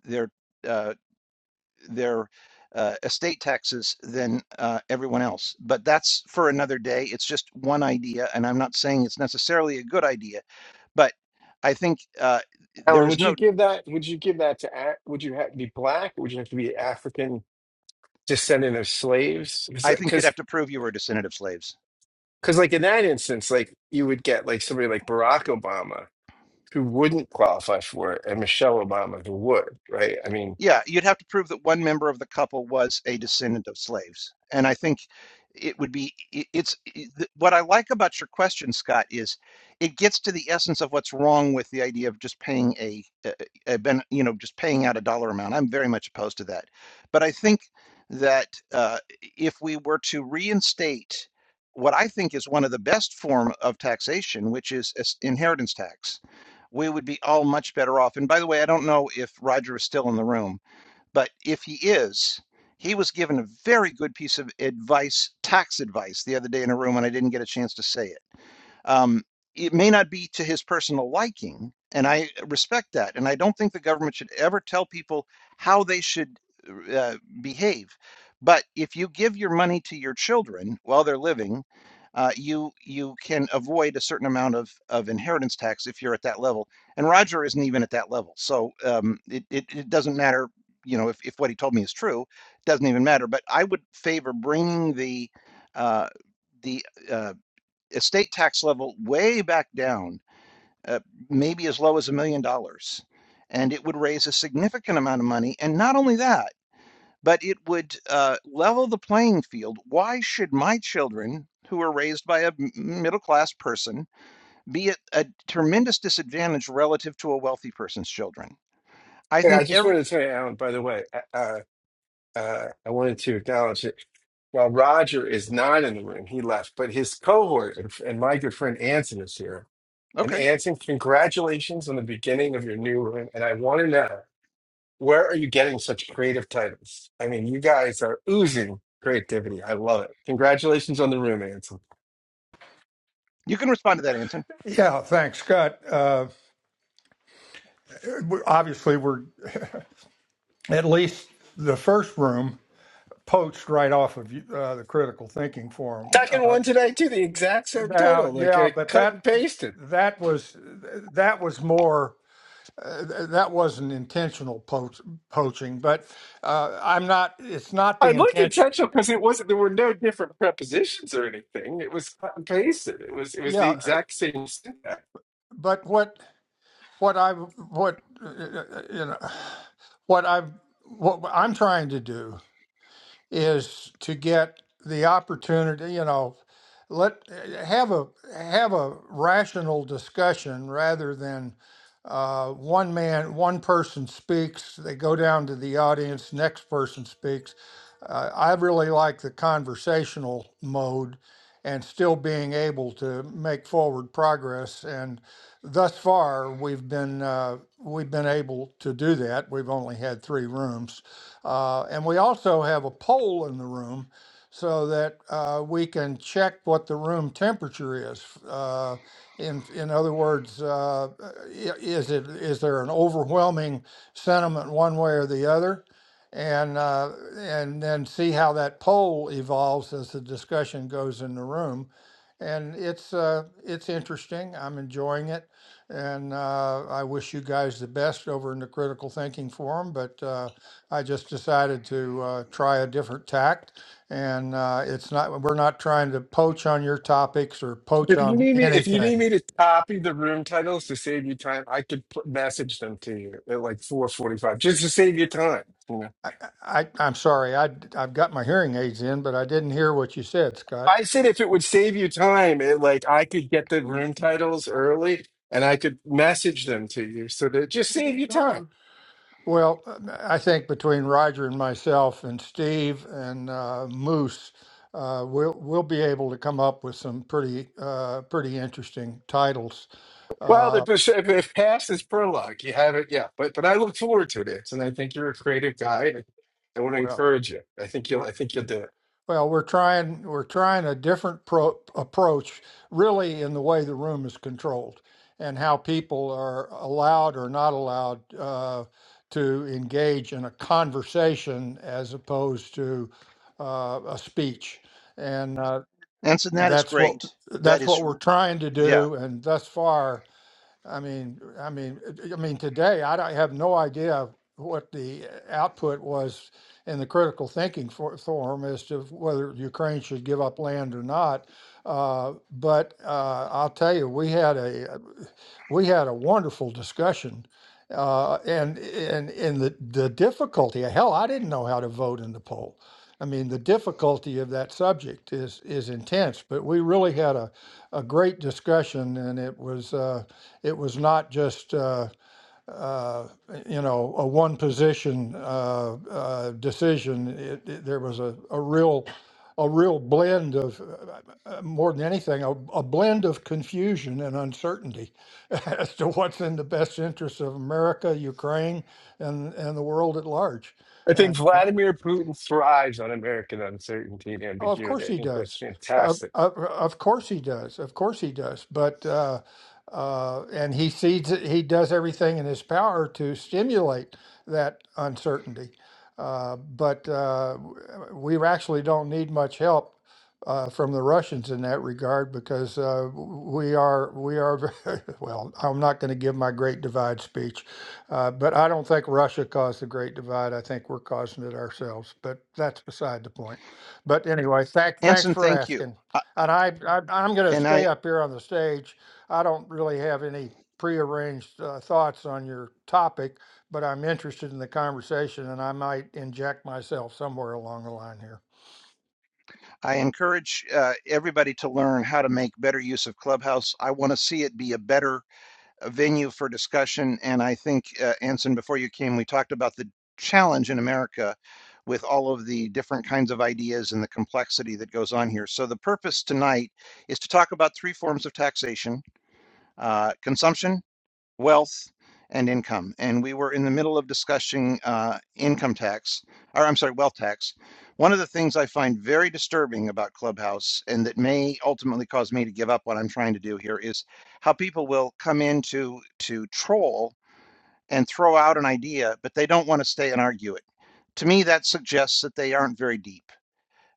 S1: their uh, their uh, estate taxes than uh, everyone else. But that's for another day. It's just one idea, and I'm not saying it's necessarily a good idea, but I think uh, there
S7: Alan,
S1: is
S7: would
S1: no.
S7: you give that? Would you give that to? A- Would you have to be black? Would you have to be African descendant of slaves?
S1: I think you'd
S7: Because
S1: have to prove you were a descendant of slaves.
S7: because like in that instance, like you would get like somebody like Barack Obama who wouldn't qualify for it, and Michelle Obama who would, right? I mean,
S1: Yeah, you'd have to prove that one member of the couple was a descendant of slaves. And I think it would be i- it's i- th- what I like about your question, Scott, is it gets to the essence of what's wrong with the idea of just paying a, a, a ben, you know just paying out a dollar amount. I'm very much opposed to that. But I think that uh, if we were to reinstate what I think is one of the best form of taxation, which is is inheritance tax, we would be all much better off. And by the way, I don't know if Roger is still in the room but if he is, he was given a very good piece of advice, tax advice, the other day in a room, and I didn't get a chance to say it. Um, it may not be to his personal liking, and I respect that. And I don't think the government should ever tell people how they should uh, behave. But if you give your money to your children while they're living, uh, you you can avoid a certain amount of, of inheritance tax if you're at that level. And Roger isn't even at that level, so um, it, it it doesn't matter. You know, if, if what he told me is true, it doesn't even matter. But I would favor bringing the uh, the uh, estate tax level way back down, uh, maybe as low as a million dollars. And it would raise a significant amount of money. And not only that, but it would uh, level the playing field. Why should my children, who are raised by a middle class person, be at a tremendous disadvantage relative to a wealthy person's children? I
S7: Yeah, I
S1: think
S7: just
S1: every,
S7: wanted to tell you, Alan, by the way, uh, uh, uh, I wanted to acknowledge that while Roger is not in the room, he left, but his cohort and, and my good friend Anson is here. And
S1: okay,
S7: Anson, congratulations on the beginning of your new room. And I want to know, where are you getting such creative titles? I mean, you guys are oozing creativity. I love it. Congratulations on the room, Anson.
S1: you can respond to that, Anson.
S9: Yeah, thanks, Scott. Uh, obviously, we're at least the first room poached right off of uh, the critical thinking forum.
S7: Second
S9: Uh,
S7: one today, too, the exact same
S9: now,
S7: title, like
S9: yeah,
S7: a
S9: but
S7: cut
S9: that
S7: and pasted.
S9: that was that was more uh, that wasn't intentional poach, poaching, but uh, I'm not. It's not
S7: I
S9: the
S7: looked
S9: intention.
S7: intentional because it wasn't. There were no different prepositions or anything. It was cut and pasted. It was. It was the
S9: Yeah,
S7: exact same syntax.
S9: but what what I what uh, uh, you know what I've what I'm trying to do is to get the opportunity, you know, let have a have a rational discussion rather than uh, one man one person speaks they go down to the audience next person speaks uh, I really like the conversational mode and still being able to make forward progress. And thus far, we've been uh, we've been able to do that. We've only had three rooms, uh, and we also have a poll in the room so that uh, we can check what the room temperature is. Uh, in in other words, uh, i- is it is there an overwhelming sentiment one way or the other? and uh, and then see how that poll evolves as the discussion goes in the room. And it's uh, it's interesting. I'm enjoying it, and uh, I wish you guys the best over in the critical thinking forum. But uh, I just decided to uh, try a different tact, and uh, it's not we're not trying to poach on your topics or poach
S7: If you
S9: on
S7: need me, if you
S9: anything.
S7: need me to copy the room titles to save you time, I could put, message them to you at like four forty-five, just to save you time. You know,
S9: I, I I'm sorry. I I've got my hearing aids in, but I didn't hear what you said, Scott.
S7: I said if it would save you time, it, like I could get the room titles early and I could message them to you so that it just save you time.
S9: Well, I think between Roger and myself and Steve and uh, Moose, uh, we'll we'll be able to come up with some pretty uh, pretty interesting titles.
S7: Well, the,
S9: Uh,
S7: if, if past is prologue, you have it, yeah. But but I look forward to this, and I think you're a creative guy. And I want to
S9: well,
S7: encourage you. I think you'll.
S9: we're-
S7: I think you'll do it.
S9: well, we're trying we're trying a different pro- approach, really, in the way the room is controlled and how people are allowed or not allowed uh, to engage in a conversation as opposed to uh, a speech. And uh,
S1: Anson, that is
S9: That's what,
S1: great. That
S9: that's
S1: is,
S9: what we're trying to
S1: yeah.
S9: do. And thus far, I mean, I mean, uh, I mean, today I don't- have no idea what the uh, output was in the critical thinking for, forum as to whether Ukraine should give up land or not. Uh, but uh, I'll tell you, we had a we had a wonderful discussion, uh, and and and the the difficulty. Hell, I didn't know how to vote in the poll. I mean, the difficulty of that subject is is intense. But we really had a a great discussion, and it was. Uh, it was not just, uh, uh, you know, a one position uh, uh, decision. It, it, there was a, a real a real blend of uh, uh, more than anything a, a blend of confusion and uncertainty as to what's in the best interest of america ukraine and and the world at large
S7: I think Vladimir Putin thrives on American uncertainty and
S9: Oh, of
S7: ambiguity.
S9: course
S7: I
S9: he
S7: think that's
S9: does. Of,
S7: fantastic.
S9: of, of course he does. Of course he does. But uh, uh, and he sees it, he does everything in his power to stimulate that uncertainty. Uh, but uh, w- we actually don't need much help uh, from the Russians in that regard because uh, we are we are very, well. I'm not going to give my Great Divide speech, uh, but I don't think Russia caused the Great Divide. I think we're causing it ourselves. But that's beside the point. But anyway, thank, thanks
S1: Anson,
S9: for
S1: thank you.
S9: asking.
S1: Uh,
S9: And I, I, I'm gonna
S1: and
S9: stay
S1: I,
S9: up here on the stage. I don't really have any prearranged uh, thoughts on your topic, but I'm interested in the conversation and I might inject myself somewhere along the line here.
S1: I encourage uh, everybody to learn how to make better use of Clubhouse. I want to see it be a better uh, venue for discussion. And I think, uh, Anson, before you came, we talked about the challenge in America with all of the different kinds of ideas and the complexity that goes on here. So, the purpose tonight is to talk about three forms of taxation uh, consumption wealth and income. And we were in the middle of discussing uh, income tax, or I'm sorry, wealth tax. One of the things I find very disturbing about Clubhouse and that may ultimately cause me to give up what I'm trying to do here is how people will come in to, to troll and throw out an idea, but they don't want to stay and argue it. To me, that suggests that they aren't very deep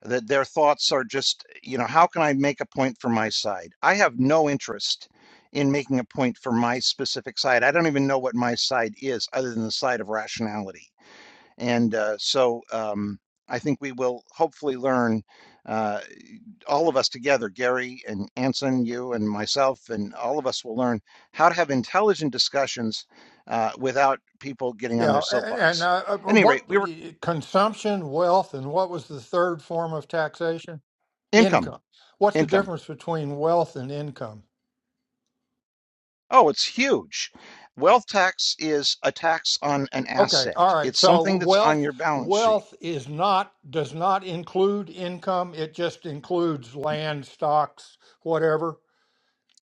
S1: that their thoughts are just, you know, how can I make a point for my side? I have no interest in making a point for my specific side. I don't even know what my side is other than the side of rationality. And uh, so um, I think we will hopefully learn, uh, all of us together, Gary and Anson, you and myself, and all of us will learn how to have intelligent discussions uh, without people getting on
S9: Yeah,
S1: their
S9: a- a- and
S1: soapbox.
S9: uh, uh,
S1: At Any rate,
S9: what
S1: we were
S9: consumption, wealth, and what was the third form of taxation?
S1: income,
S9: Income. What's the
S1: income.
S9: difference between wealth and income?
S1: Oh, it's huge. Wealth tax is a tax on an
S9: Okay, all
S1: asset.
S9: right.
S1: It's
S9: So
S1: something that's on
S9: wealth
S1: your balance sheet.
S9: wealth is not does not include income. It just includes land, stocks, whatever.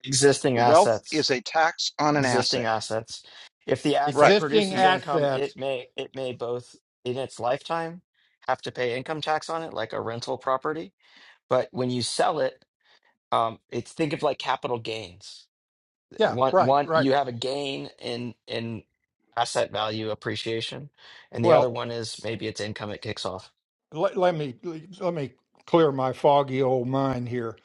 S10: Existing
S1: Wealth is a
S10: assets.
S1: tax on an
S10: Existing
S1: asset.
S10: assets. If the asset
S1: Right.
S9: Existing
S10: produces
S1: Y-
S10: income, it
S9: assets.
S10: may it may both in its lifetime have to pay income tax on it, like a rental property. But when you sell it, um, it's think of like capital gains.
S9: Yeah,
S10: One
S9: right,
S10: one
S9: right.
S10: you have a gain in in asset value appreciation, and the other
S9: Well,
S10: one is maybe it's income it kicks off.
S9: let, let me let me clear my foggy old mind here.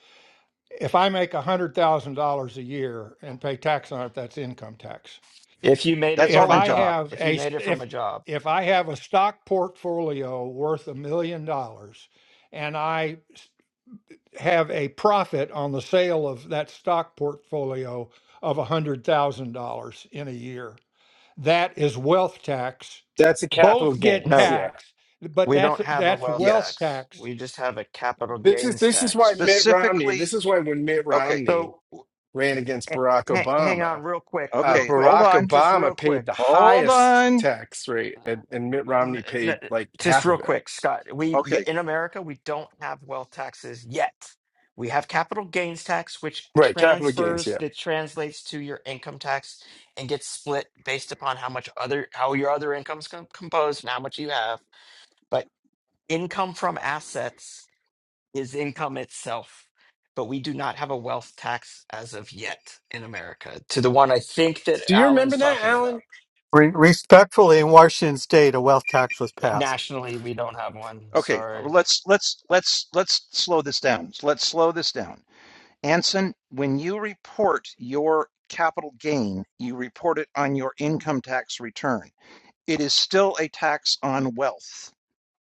S9: If I make $100,000 a year and pay tax on it, that's income tax.
S10: If you made
S1: That's
S10: it
S9: if
S1: all
S10: from a
S9: I
S1: income.
S10: job,
S9: have
S10: if you
S9: a s-
S10: made it from a
S9: if
S10: job,
S9: if I have a stock portfolio worth a million dollars and I s- have a profit on the sale of that stock portfolio of a hundred thousand dollars in a year, that is wealth tax.
S7: That's the capital
S9: Both get
S7: gains.
S10: no.
S7: Yeah.
S9: taxed, but
S10: We
S9: that's
S10: don't have a
S9: that's
S10: wealth
S9: wealth
S1: Yes.
S10: tax.
S9: tax
S10: We just have a capital
S7: This is
S10: gains
S7: this is why
S10: tax.
S7: Mitt Romney.
S1: Specifically,
S7: This is why when Mitt
S1: okay.
S7: Romney
S10: So,
S7: ran against
S10: h-
S7: Barack
S10: h- hang
S7: Obama,
S10: on, real quick,
S7: uh,
S10: real
S1: Okay,
S10: quick,
S1: hold
S7: Barack
S1: on.
S10: just real
S7: Obama
S10: quick,
S7: paid the
S1: Hold
S7: highest
S1: on.
S7: tax rate, and, and Mitt
S10: N-
S7: Romney paid
S10: n-
S7: like
S10: just
S7: half
S10: real
S7: of it.
S10: quick, Scott. We y-
S1: Okay.
S10: in America we don't have wealth taxes yet. We have capital gains tax, which
S7: Right, capital gains.
S10: transfers
S7: Yeah.
S10: that translates to your income tax and gets split based upon how much other how your other income's com- composed and how much you have. But income from assets is income itself. But we do not have a wealth tax as of yet in America, to the one I think that
S7: Do you remember
S10: Alan's
S7: that,
S10: talking about.
S7: Alan?
S11: Re- respectfully, in Washington State, a wealth tax was
S10: Eh,
S11: passed.
S10: Nationally, we don't have one.
S1: Okay.
S10: Sorry,
S1: Let's let's let's let's slow this down. Let's slow this down. Anson, when you report your capital gain, you report it on your income tax return. it is still a tax on wealth.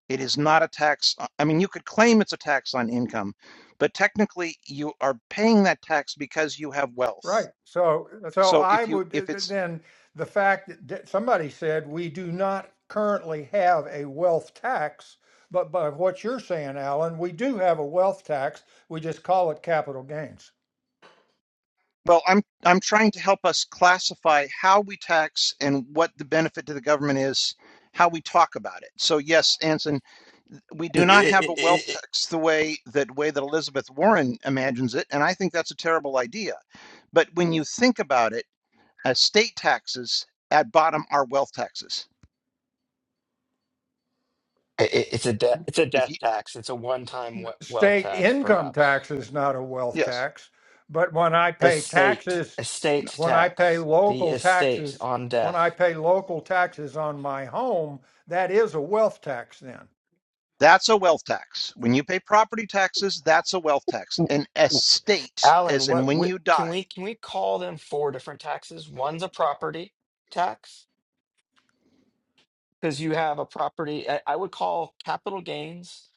S1: It is not a tax. I mean, you could claim it's a tax on income, but technically you are paying that tax because you have wealth.
S9: Right. So, so
S1: So
S9: I
S1: if you
S9: would
S1: if it's
S9: then the fact that that somebody said we do not currently have a wealth tax, but by what you're saying, Alan, we do have a wealth tax. We just call it capital gains.
S1: well, I'm I'm trying to help us classify how we tax and what the benefit to the government is, how we talk about it. So yes, Anson, we do
S10: it,
S1: not have
S10: it,
S1: a
S10: it,
S1: wealth
S10: it,
S1: tax the way that way that Elizabeth Warren imagines it, and I think that's a terrible idea. But when you think about it estate taxes at bottom are wealth taxes.
S10: it- it's a de- it's a
S1: If
S10: death
S1: you,
S10: tax. It's a one-time we- wealth
S9: State
S10: tax,
S9: income
S10: perhaps.
S9: tax is not a wealth
S1: yes,
S9: tax, but when I pay
S10: Estate
S9: taxes,
S1: no,
S10: estate
S9: when I pay
S10: tax. The
S9: local
S10: estate
S9: taxes,
S10: on
S9: when I
S10: death.
S9: pay local taxes on my home, that is a wealth tax then.
S1: that's a wealth tax. When you pay property taxes, that's a wealth tax.
S10: W-
S1: An
S10: w-
S1: estate,
S10: Alan,
S1: as in
S10: what,
S1: when
S10: what
S1: you
S10: can
S1: die.
S10: we can we call them four different taxes? One's a property tax. because you have a property I, I would call capital gains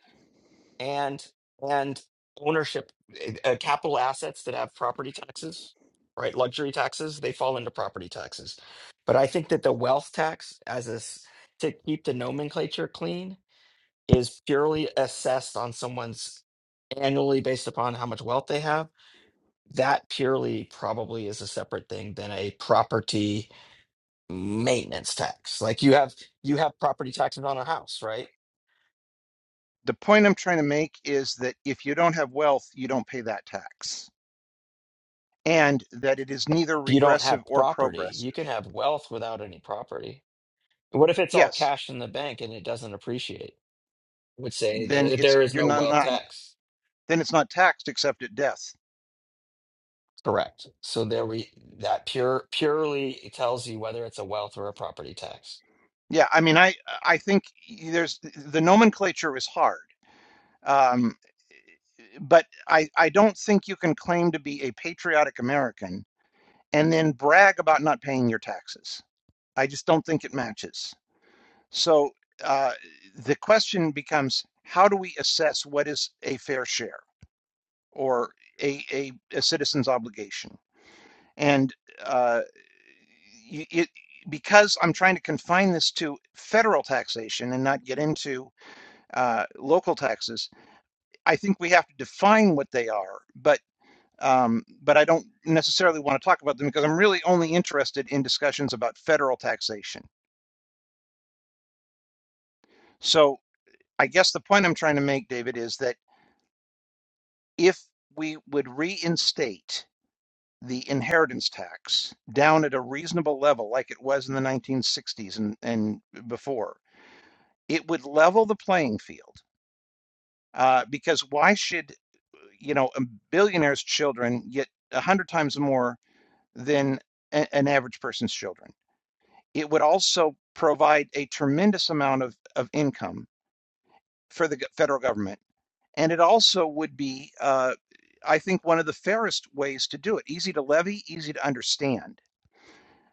S10: and and ownership uh, capital assets that have property taxes right luxury taxes they fall into property taxes but i think that the wealth tax as a s- to keep the nomenclature clean is purely assessed on someone's annually based upon how much wealth they have that purely probably is a separate thing than a property maintenance tax like you have you have property taxes on a house right
S1: The point I'm trying to make is that if you don't have wealth, you don't pay that tax, and that it is neither
S10: you don't have
S1: regressive or
S10: property. You
S1: progressive.
S10: can have wealth without any property. What if it's all
S1: Yes,
S10: cash in the bank and it doesn't appreciate? Would say
S1: then
S10: that
S1: it's
S10: there is
S1: you're
S10: no
S1: not,
S10: wealth
S1: not
S10: tax.
S1: then it's not taxed except at death.
S10: Correct. So there we that pure purely tells you whether it's a wealth or a property tax.
S1: Yeah, I mean, I I think there's the nomenclature is hard. Um, but I, I don't think you can claim to be a patriotic American and then brag about not paying your taxes. I just don't think it matches. So uh, the question becomes how do we assess what is a fair share or a, a, a citizen's obligation? And uh, it, because I'm trying to confine this to federal taxation and not get into uh, local taxes, I think we have to define what they are. But um, but I don't necessarily want to talk about them because I'm really only interested in discussions about federal taxation. So I guess the point I'm trying to make, David, is that if we would reinstate the inheritance tax down at a reasonable level, like it was in the 1960s and, and before, it would level the playing field. Uh, because why should you know a billionaire's children get a hundred times more than a- an average person's children? It would also provide a tremendous amount of, of income for the federal government. And it also would be, uh, I think, one of the fairest ways to do it easy to levy, easy to understand.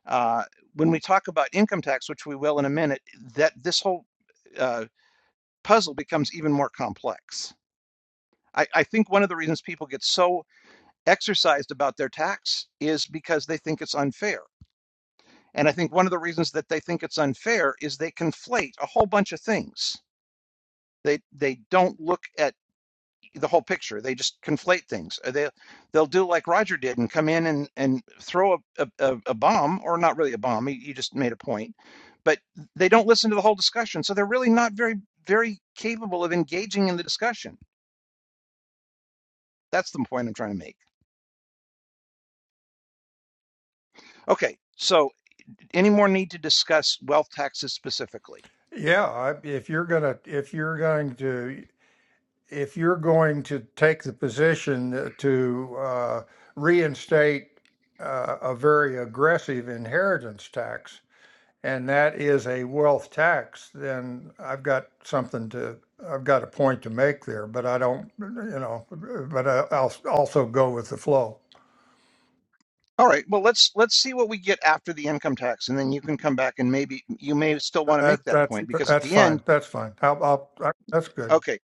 S1: Uh, when we talk about income tax, which we will in a minute, that this whole uh, puzzle becomes even more complex. I, I think one of the reasons people get so exercised about their tax is because they think it's unfair. And I think one of the reasons that they think it's unfair is they conflate a whole bunch of things. They they don't look at the whole picture. They just conflate things. Uh, They they'll do like Roger did and come in and and throw a a, a a bomb or not really a bomb. He, he just made a point, but they don't listen to the whole discussion. So they're really not very very capable of engaging in the discussion. That's the point I'm trying to make. Okay, so any more need to discuss wealth taxes specifically?
S9: Yeah, I- if you're gonna if you're going to if you're going to take the position to uh, reinstate uh, a very aggressive inheritance tax, and that is a wealth tax, then I've got something to, I've got a point to make there, but I don't, you know, but I- I'll also go with the flow.
S1: All right. Well, let's let's see what we get after the income tax, and then you can come back and maybe you may still want to
S9: That,
S1: make that
S9: that's,
S1: point because at
S9: that's
S1: the end,
S9: fine. That's fine. I'll, I'll, I, that's good.
S1: okay.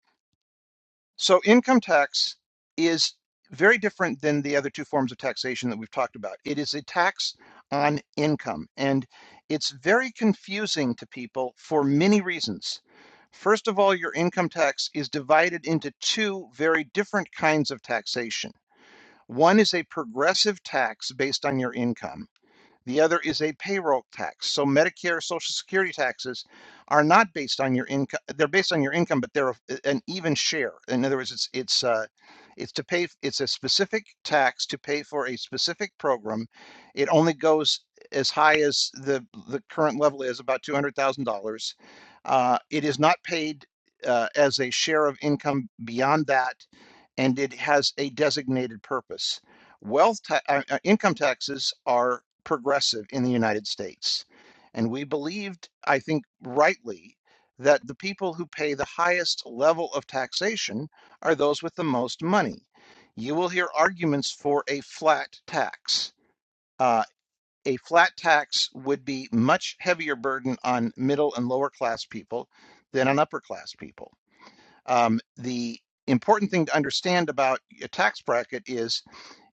S1: So income tax is very different than the other two forms of taxation that we've talked about. It is a tax on income, and it's very confusing to people for many reasons. First of all, your income tax is divided into two very different kinds of taxation. One is a progressive tax based on your income The other is a payroll tax. So Medicare, Social Security taxes are not based on your income. They're based on your income, but they're an even share. In other words, it's it's uh, it's to pay. It's a specific tax to pay for a specific program. It only goes as high as the the current level is about two hundred thousand dollars. Uh, it is not paid uh, as a share of income beyond that, and it has a designated purpose. Wealth ta- uh, uh, income taxes are progressive in the United States. And we believed, I think rightly, that the people who pay the highest level of taxation are those with the most money. You will hear arguments for a flat tax. Uh, a flat tax would be much heavier burden on middle and lower class people than on upper class people. Um, the important thing to understand about a tax bracket is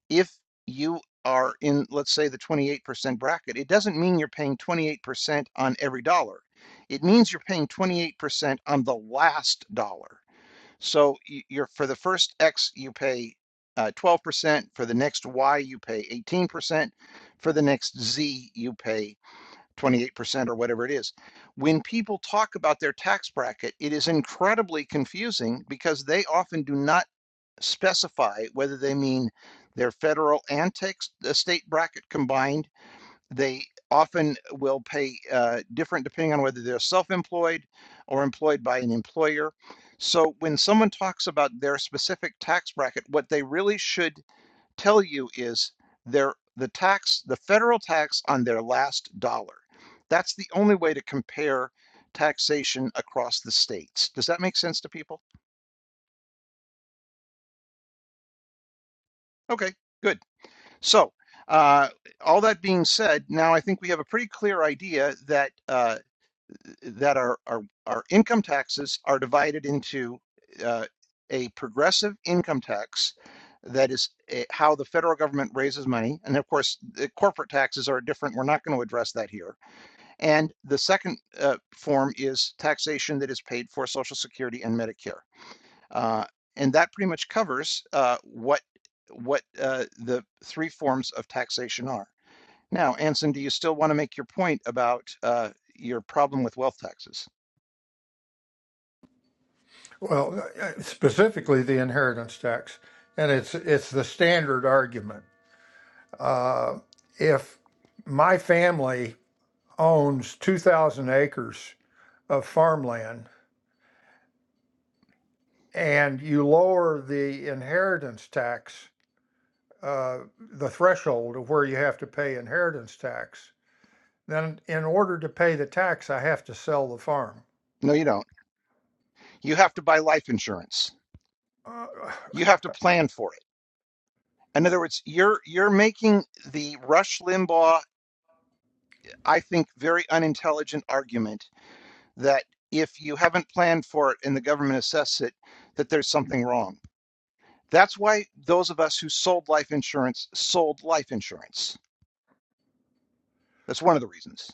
S1: if you are in, let's say, the 28% bracket, it doesn't mean you're paying 28% on every dollar. It means you're paying 28% on the last dollar. So you're for the first X, you pay uh, 12%. For the next Y, you pay 18%. For the next Z, you pay 28% or whatever it is. When people talk about their tax bracket, it is incredibly confusing because they often do not specify whether they mean their federal and tex- the state bracket combined. They often will pay uh, different depending on whether they're self-employed or employed by an employer. So when someone talks about their specific tax bracket, what they really should tell you is their the tax, the federal tax on their last dollar. That's the only way to compare taxation across the states. Does that make sense to people? Okay, good. So, uh, all that being said, now I think we have a pretty clear idea that uh, that our, our our income taxes are divided into uh, a progressive income tax. That is eh, how the federal government raises money, and of course, the corporate taxes are different. We're not going to address that here. And the second uh, form is taxation that is paid for Social Security and Medicare. Uh, and that pretty much covers uh, what what uh, the three forms of taxation are. Now, Anson, do you still want to make your point about uh, your problem with wealth taxes?
S9: Well, uh, specifically the inheritance tax, and it's, it's the standard argument. Uh, if my family owns 2,000 acres of farmland and you lower the inheritance tax, uh, the threshold of where you have to pay inheritance tax, then in order to pay the tax, I have to sell the farm.
S1: No, you don't. You have to buy life insurance.
S9: Uh,
S1: You have to plan for it. In other words, you're you're making the Rush Limbaugh, I think, very unintelligent argument that if you haven't planned for it and the government assesses it, that there's something wrong. That's why those of us who sold life insurance sold life insurance. That's one of the reasons.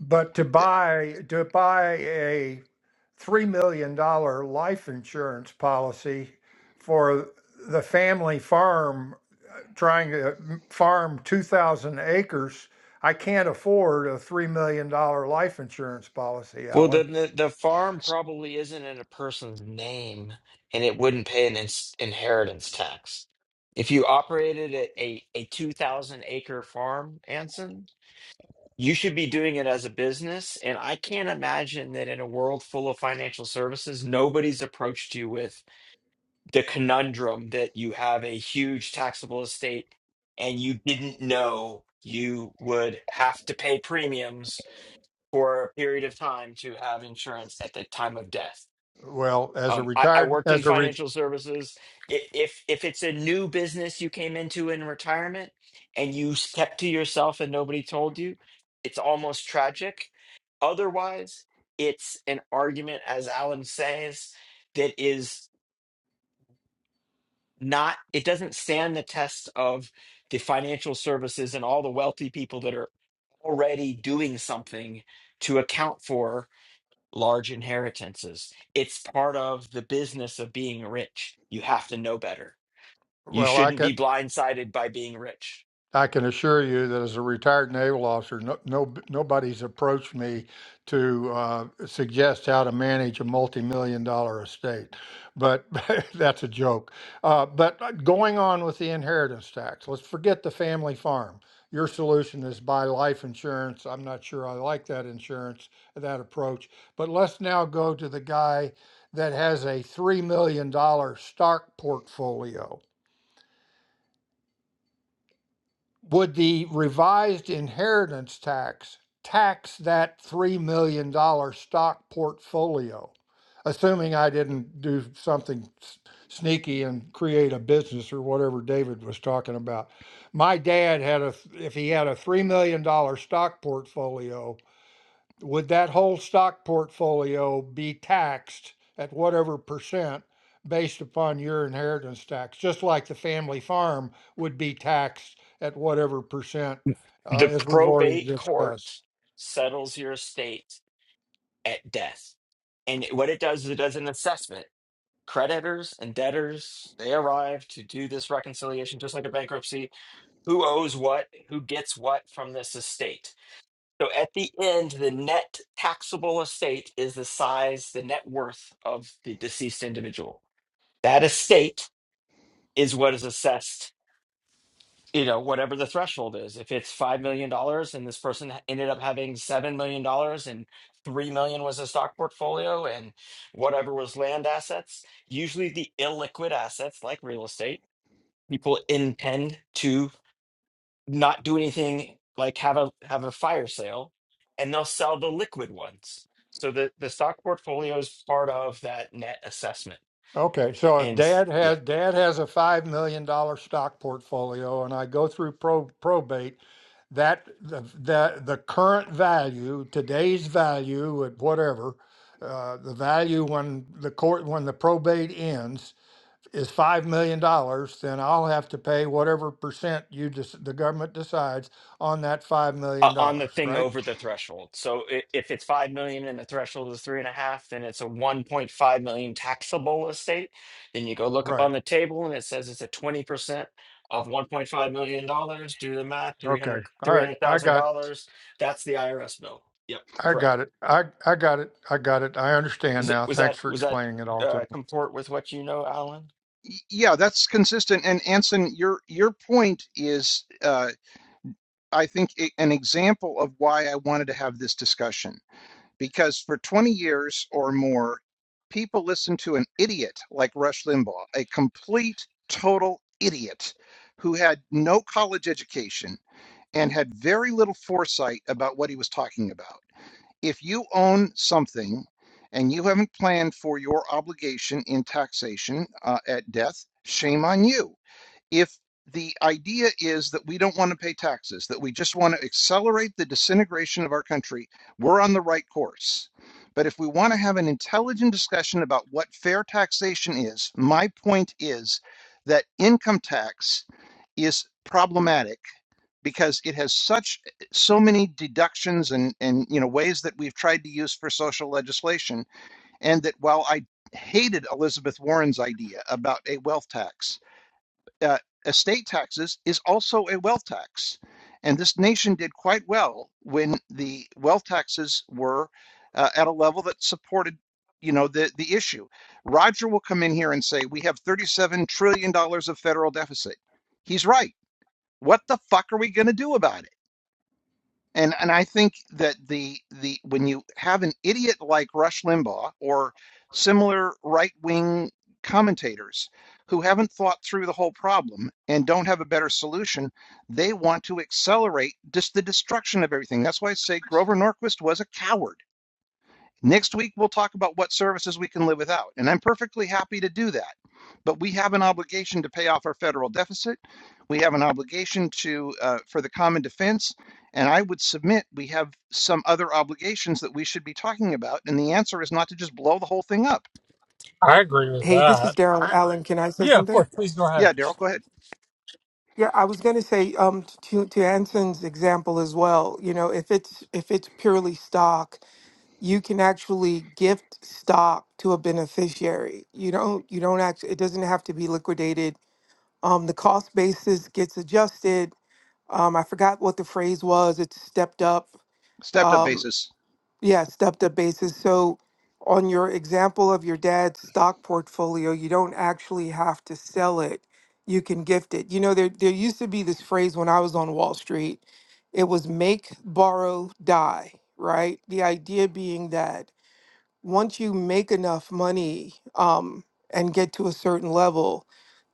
S9: but to buy to buy a three million dollar life insurance policy for the family farm trying to farm 2,000 acres, I can't afford a $3 million dollars life insurance policy,
S10: Well,
S9: Alan.
S10: then the, the farm probably isn't in a person's name, and it wouldn't pay an ins- inheritance tax. If you operated a, a, a 2,000 acre farm, Anson, you should be doing it as a business. And I can't imagine that in a world full of financial services, nobody's approached you with the conundrum that you have a huge taxable estate and you didn't know you would have to pay premiums for a period of time to have insurance at the time of death
S9: Well, as a
S10: um, I, I
S9: retired,
S10: worked in
S9: as a re,
S10: financial services. I- If if it's a new business you came into in retirement and you s- kept to yourself and nobody told you, it's almost tragic. Otherwise, it's an argument, as Alan says, that is not. It doesn't stand the test of the financial services and all the wealthy people that are already doing something to account for large inheritances. It's part of the business of being rich. You have to know better. You
S9: well, I
S10: shouldn't
S9: can.
S10: be blindsided by being rich.
S9: I can assure you that as a retired naval officer, no, no nobody's approached me to uh, suggest how to manage a multi-million dollar estate. But that's a joke. Uh, but going on with the inheritance tax, let's forget the family farm. Your solution is buy life insurance. I'm not sure I like that insurance, that approach. But let's now go to the guy that has a $3 million dollar stock portfolio would the revised inheritance tax tax that $3 million dollars stock portfolio? Assuming I didn't do something s- sneaky and create a business or whatever David was talking about. My dad had a, th- if he had a $3 million dollars stock portfolio, would that whole stock portfolio be taxed at whatever percent based upon your inheritance tax? Just like the family farm would be taxed at whatever percent, uh,
S10: The
S9: as we've already
S10: probate
S9: discussed.
S10: court settles your estate at death. And what it does is it does an assessment. Creditors and debtors, they arrive to do this reconciliation just like a bankruptcy. Who owes what? Who gets what from this estate? So at the end, the net taxable estate is the size, the net worth of the deceased individual. That estate is what is assessed, you know, whatever the threshold is. If it's $5 million dollars and this person ended up having $7 million and 3 million was a stock portfolio and whatever was land assets, usually the illiquid assets like real estate, people intend to not do anything like have a have a fire sale and they'll sell the liquid ones so the the stock portfolio is part of that net assessment
S9: Okay, so if
S10: and s-
S9: dad
S10: yeah
S9: has dad has a five million dollar stock portfolio and I go through pro, probate, that the, the the current value, today's value at whatever, uh, the value when the court when the probate ends is five million dollars, then I'll have to pay whatever percent you just the government decides on that five
S10: uh,
S9: million
S10: on the
S9: dollars,
S10: thing
S9: right?
S10: over the threshold so i- if it's five million and the threshold is three and a half then it's a 1.5 million taxable estate then you go look up
S9: Right.
S10: on the table and it says it's a 20 percent of 1.5 million dollars do the math three
S9: Okay.
S10: hundred
S9: All
S10: three
S9: right.
S10: hundred
S9: I
S10: thousand
S9: got
S10: dollars that's the irs bill yep
S9: I
S10: correct
S9: got it. I I got it. I got it. I understand
S10: Is it
S9: now.
S10: was
S9: Thanks
S10: that
S9: for
S10: was that
S9: explaining it all to
S10: uh,
S9: me.
S10: comport with what you know, Alan?
S1: Yeah, that's consistent. And Anson, your your point is, uh, I think, a- an example of why I wanted to have this discussion. Because for 20 years or more, people listened to an idiot like Rush Limbaugh, a complete, total idiot who had no college education. and had very little foresight about what he was talking about. If you own something and you haven't planned for your obligation in taxation uh, at death, shame on you. If the idea is that we don't want to pay taxes, that we just want to accelerate the disintegration of our country, we're on the right course. But if we want to have an intelligent discussion about what fair taxation is, my point is that income tax is problematic because it has such eh, so many deductions and and you know ways that we've tried to use for social legislation and that while i hated elizabeth warren's idea about a wealth tax uh, estate taxes is also a wealth tax and this nation did quite well when the wealth taxes were uh, at a level that supported you know the the issue roger will come in here and say we have 37 trillion dollars of federal deficit he's right what the fuck are we going to do about it and and I think that the the when you have an idiot like Rush Limbaugh or similar right wing commentators who haven't thought through the whole problem and don't have a better solution, they want to accelerate just the destruction of everything. That's why I say Grover Norquist was a coward. Next week, we'll talk about what services we can live without, and I'm perfectly happy to do that. But we have an obligation to pay off our federal deficit. We have an obligation to uh, for the common defense, and I would submit we have some other obligations that we should be talking about. And the answer is not to just blow the whole thing up.
S4: I agree with
S12: Hey, this
S4: that.
S12: is Daryl Allen. Can I say
S4: yeah, of
S12: something?
S4: course, please go ahead.
S1: Yeah, Daryl, go ahead.
S12: Yeah, I was going to say um, to to Anson's example as well. You know, if it's if it's purely stock, you can actually gift stock to a beneficiary. You don't you don't actually it doesn't have to be liquidated. Um, the cost basis gets adjusted. Um, I forgot what the phrase was. It's stepped up.
S1: Stepped up
S12: Um,
S1: basis.
S12: Yeah, stepped up basis. So on your example of your dad's stock portfolio, you don't actually have to sell it. You can gift it. You know, there there used to be this phrase when I was on Wall Street. It was make, borrow, die, right? The idea being that once you make enough money um, and get to a certain level,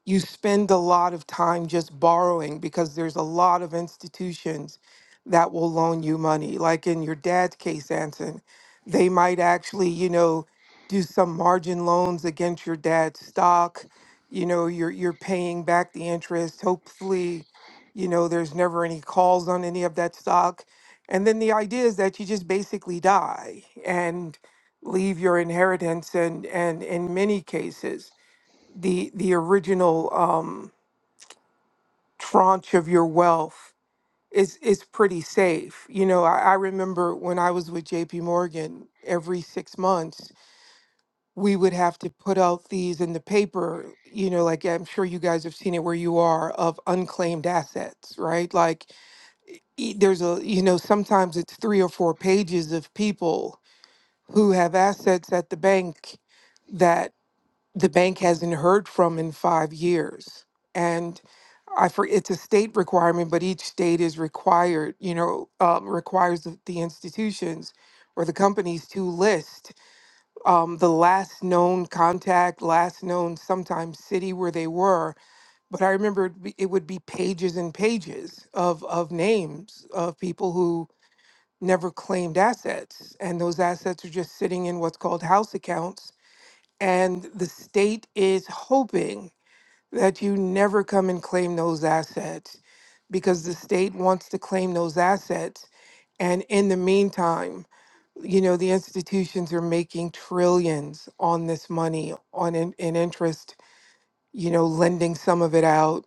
S12: you spend a lot of time just borrowing because there's a lot of institutions that will loan you money. Like in your dad's case, Anson, they might actually, you know, do some margin loans against your dad's stock. You know, you're you're paying back the interest. Hopefully, you know, there's never any calls on any of that stock. And then the idea is that you just basically die and leave your inheritance and and in many cases the the original um, tranche of your wealth is is pretty safe. You know, I, I remember when I was with J.P. Morgan, every six months we would have to put out these in the paper. You know, like I'm sure you guys have seen it where you are of unclaimed assets, right? Like e- there's a you know sometimes it's three or four pages of people who have assets at the bank that. the bank hasn't heard from in five years. And I for it's a state requirement, but each state is required, you know, um, requires the, the institutions or the companies to list um, the last known contact, last known sometimes city where they were. But I remember it'd be- it would be pages and pages of of names of people who never claimed assets, and those assets are just sitting in what's called house accounts and the state is hoping that you never come and claim those assets because the state wants to claim those assets. And in the meantime, you know, the institutions are making trillions on this money on in, in interest, you know, lending some of it out.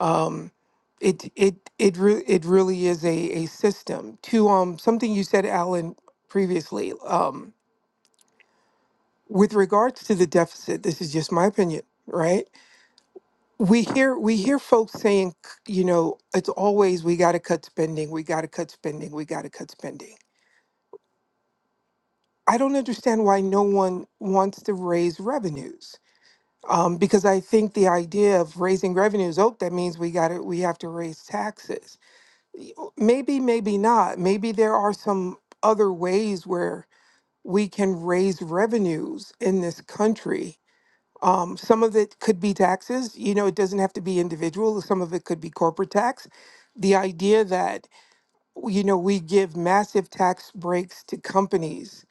S12: Um, it it it re- it really is a, a system to um something you said, Alan, previously. Um, with regards to the deficit, this is just my opinion, right? we hear we hear folks saying c- you know it's always we got to cut spending we got to cut spending we got to cut spending i don't understand why no one wants to raise revenues um, because i think the idea of raising revenues oh that means we got to we have to raise taxes Y- o- maybe maybe not maybe there are some other ways where we can raise revenues in this country Um, some of it could be taxes. You know, it doesn't have to be individual. Some of it could be corporate tax. The idea that, you know, we give massive tax breaks to companies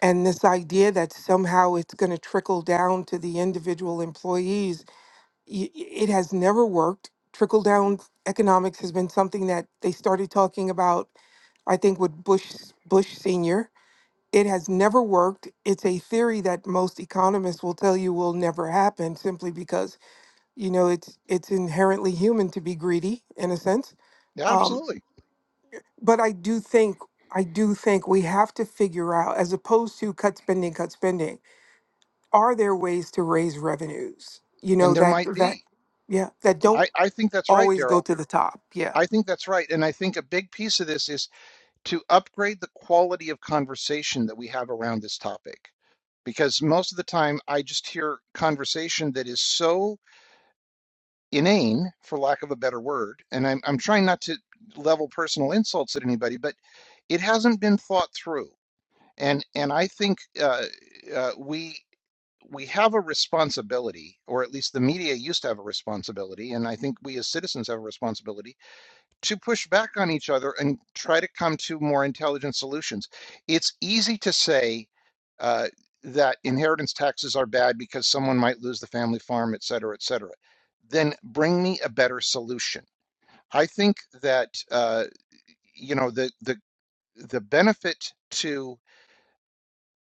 S12: and this idea that somehow it's going to trickle down to the individual employees, y- y- it has never worked. Trickle down economics has been something that they started talking about, I think, with Bush, Bush Sr. It has never worked. It's a theory that most economists will tell you will never happen simply because, you know, it's it's inherently human to be greedy in a sense.
S1: Yeah,
S12: Um,
S1: absolutely.
S12: but I do think I do think we have to figure out, as opposed to cut spending, cut spending, are there ways to raise revenues? You
S1: And
S12: know,
S1: there
S12: that
S1: might
S12: that
S1: be.
S12: yeah, that
S1: I,
S12: don't
S1: I think that's right,
S12: always go
S1: Daryl.
S12: to the top. Yeah.
S1: I think that's right. And I think a big piece of this is to upgrade the quality of conversation that we have around this topic. Because most of the time, I just hear conversation that is so inane, for lack of a better word. And I'm, I'm trying not to level personal insults at anybody, but it hasn't been thought through. And and I think uh, uh, we we have a responsibility, or at least the media used to have a responsibility, and I think we as citizens have a responsibility to push back on each other and try to come to more intelligent solutions. It's easy to say uh, that inheritance taxes are bad because someone might lose the family farm, et cetera, et cetera. Then bring me a better solution. I think that uh, you know the the the benefit to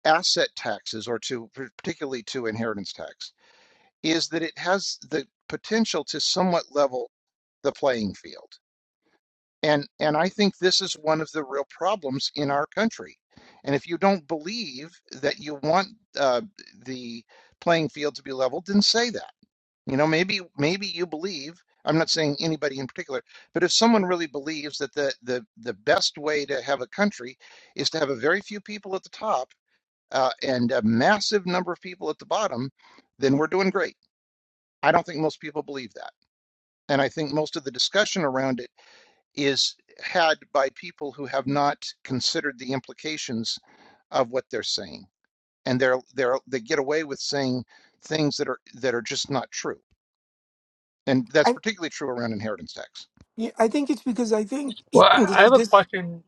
S1: asset taxes or to particularly to inheritance tax is that it has the potential to somewhat level the playing field And and I think this is one of the real problems in our country. And if you don't believe that you want uh, the playing field to be leveled, then say that. You know, maybe maybe you believe. I'm not saying anybody in particular, but if someone really believes that the the the best way to have a country is to have a very few people at the top uh, and a massive number of people at the bottom, then we're doing great. I don't think most people believe that, and I think most of the discussion around it is had by people who have not considered the implications of what they're saying and they're they're they get away with saying things that are that are just not true and that's
S12: I
S1: particularly true around inheritance tax
S12: yeah, I think it's because I think
S4: Well, I I
S12: this is
S4: have a
S12: just
S4: question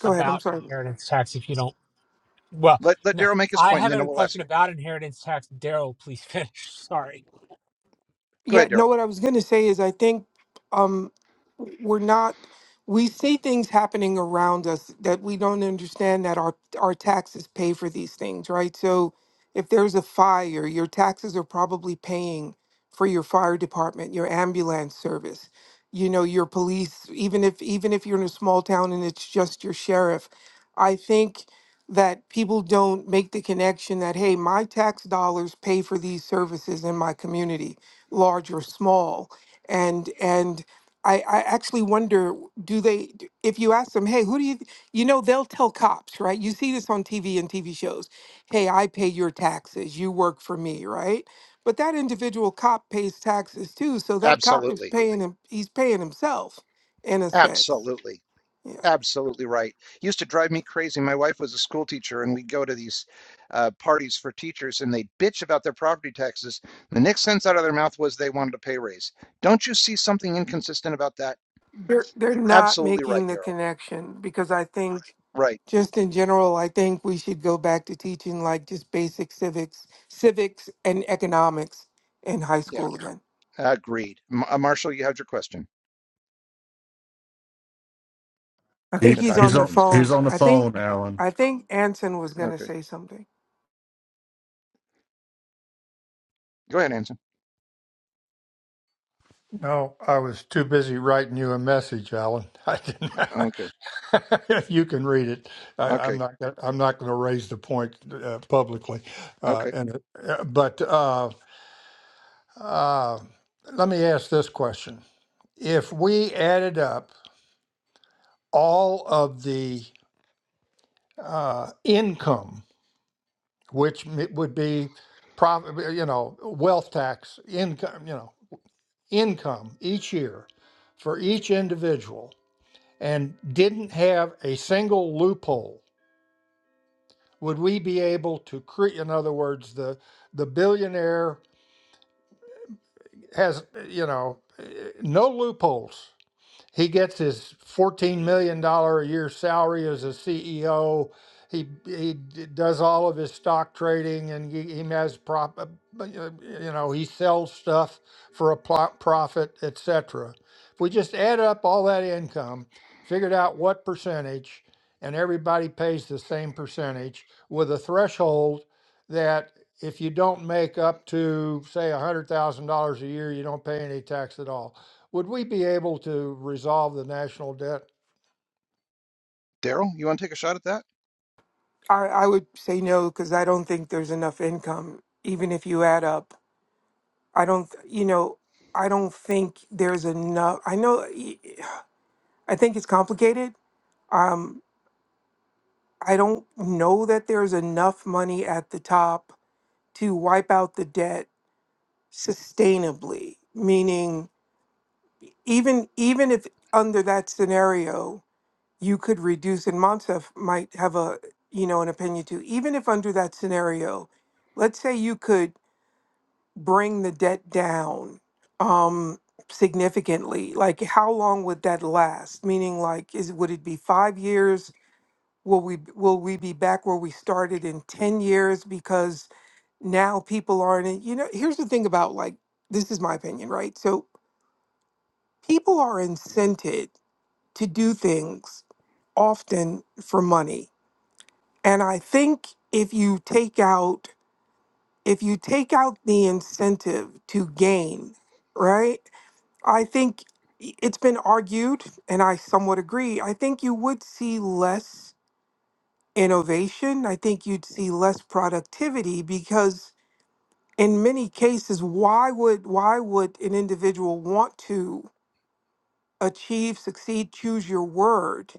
S12: go ahead, I'm
S4: About
S12: sorry.
S4: inheritance tax, if you don't. Well,
S1: let let
S4: no,
S1: daryl make his
S4: I
S1: point and
S4: have
S1: then
S4: a
S1: we'll ask
S4: question
S1: you
S4: about inheritance tax. Daryl, please finish. Sorry.
S1: go
S12: Yeah,
S1: ahead daryl
S12: no, what I was going to say is I think um, we're not, we see things happening around us that we don't understand that our, our taxes pay for these things, right? So if there's a fire, your taxes are probably paying for your fire department, your ambulance service, you know, your police, even if, even if you're in a small town and it's just your sheriff. I think that people don't make the connection that, hey, my tax dollars pay for these services in my community large or small and and I, I actually wonder do they d- if you ask them hey who do you th-" you know they'll tell cops right you see this on tv and tv shows hey i pay your taxes you work for me right but that individual cop pays taxes too so that cop is
S1: absolutely
S12: paying him he's paying himself in a sense
S1: absolutely
S12: yeah
S1: Absolutely right. Used to drive me crazy. My wife was a school teacher, and we'd go to these uh, parties for teachers, and they'd bitch about their property taxes. The next sentence out of their mouth was they wanted a pay raise. Don't you see something inconsistent about that?
S12: They're they're not
S1: Absolutely right,
S12: making the
S1: Daryl.
S12: connection because I think
S1: Right.
S12: just in general, I think we should go back to teaching like just basic civics, civics and economics in high
S1: Yeah.
S12: school again.
S1: Agreed. M- uh, Marshall, you had your question
S12: I think
S13: He,
S12: he's
S1: about
S13: he's
S12: on the
S13: on.
S1: inheritance
S13: He's
S12: phone.
S1: tax.
S13: on the
S12: I think
S13: phone, Alan.
S12: I think Anson was going to
S1: Okay.
S12: say something.
S1: Go ahead, Anson.
S9: No, I was too busy writing you a message, Alan. I didn't.
S1: Okay.
S9: you can read it. I,
S1: Okay.
S9: I'm not. gonna- I'm not going to raise the point uh, publicly. Uh,
S1: Okay.
S9: and uh, but uh, uh, let me ask this question: If we added up all of the uh, income, which m- would be profit, you know, wealth tax income, you know income each year for each individual and didn't have a single loophole, would we be able to create, in other words, the, the billionaire has, you know, eh, no loopholes. he gets his fourteen million dollar a year salary as a CEO. He he d- does all of his stock trading, and he, he has prop, uh, uh, you know, he sells stuff for a pro- profit, etc. If we just add up all that income, figured out what percentage, and everybody pays the same percentage with a threshold that if you don't make up to say one hundred thousand dollars a year, you don't pay any tax at all would we be able to resolve the national debt?
S1: Daryl, you want to take a shot at that?
S12: I I would say no because I don't think there's enough income even if you add up. I don't th- you know, I don't think there's enough. I know y- I think it's complicated. Um, I don't know that there's enough money at the top to wipe out the debt sustainably, meaning even even if under that scenario you could reduce and Monsef might have a you know an opinion too, even if under that scenario, let's say you could bring the debt down um significantly, like how long would that last? Meaning like is would it be five years, Will we b- will we be back where we started in 10 years because now people aren't in, you know here's the thing about like this is my opinion, right? So people are incented to do things often for money. And I think if you take out if you take out the incentive to gain, right? I think i- it's been argued and I somewhat agree. I think you would see less innovation. I think you'd see less productivity because in many cases, why would why would an individual want to achieve, succeed, choose your word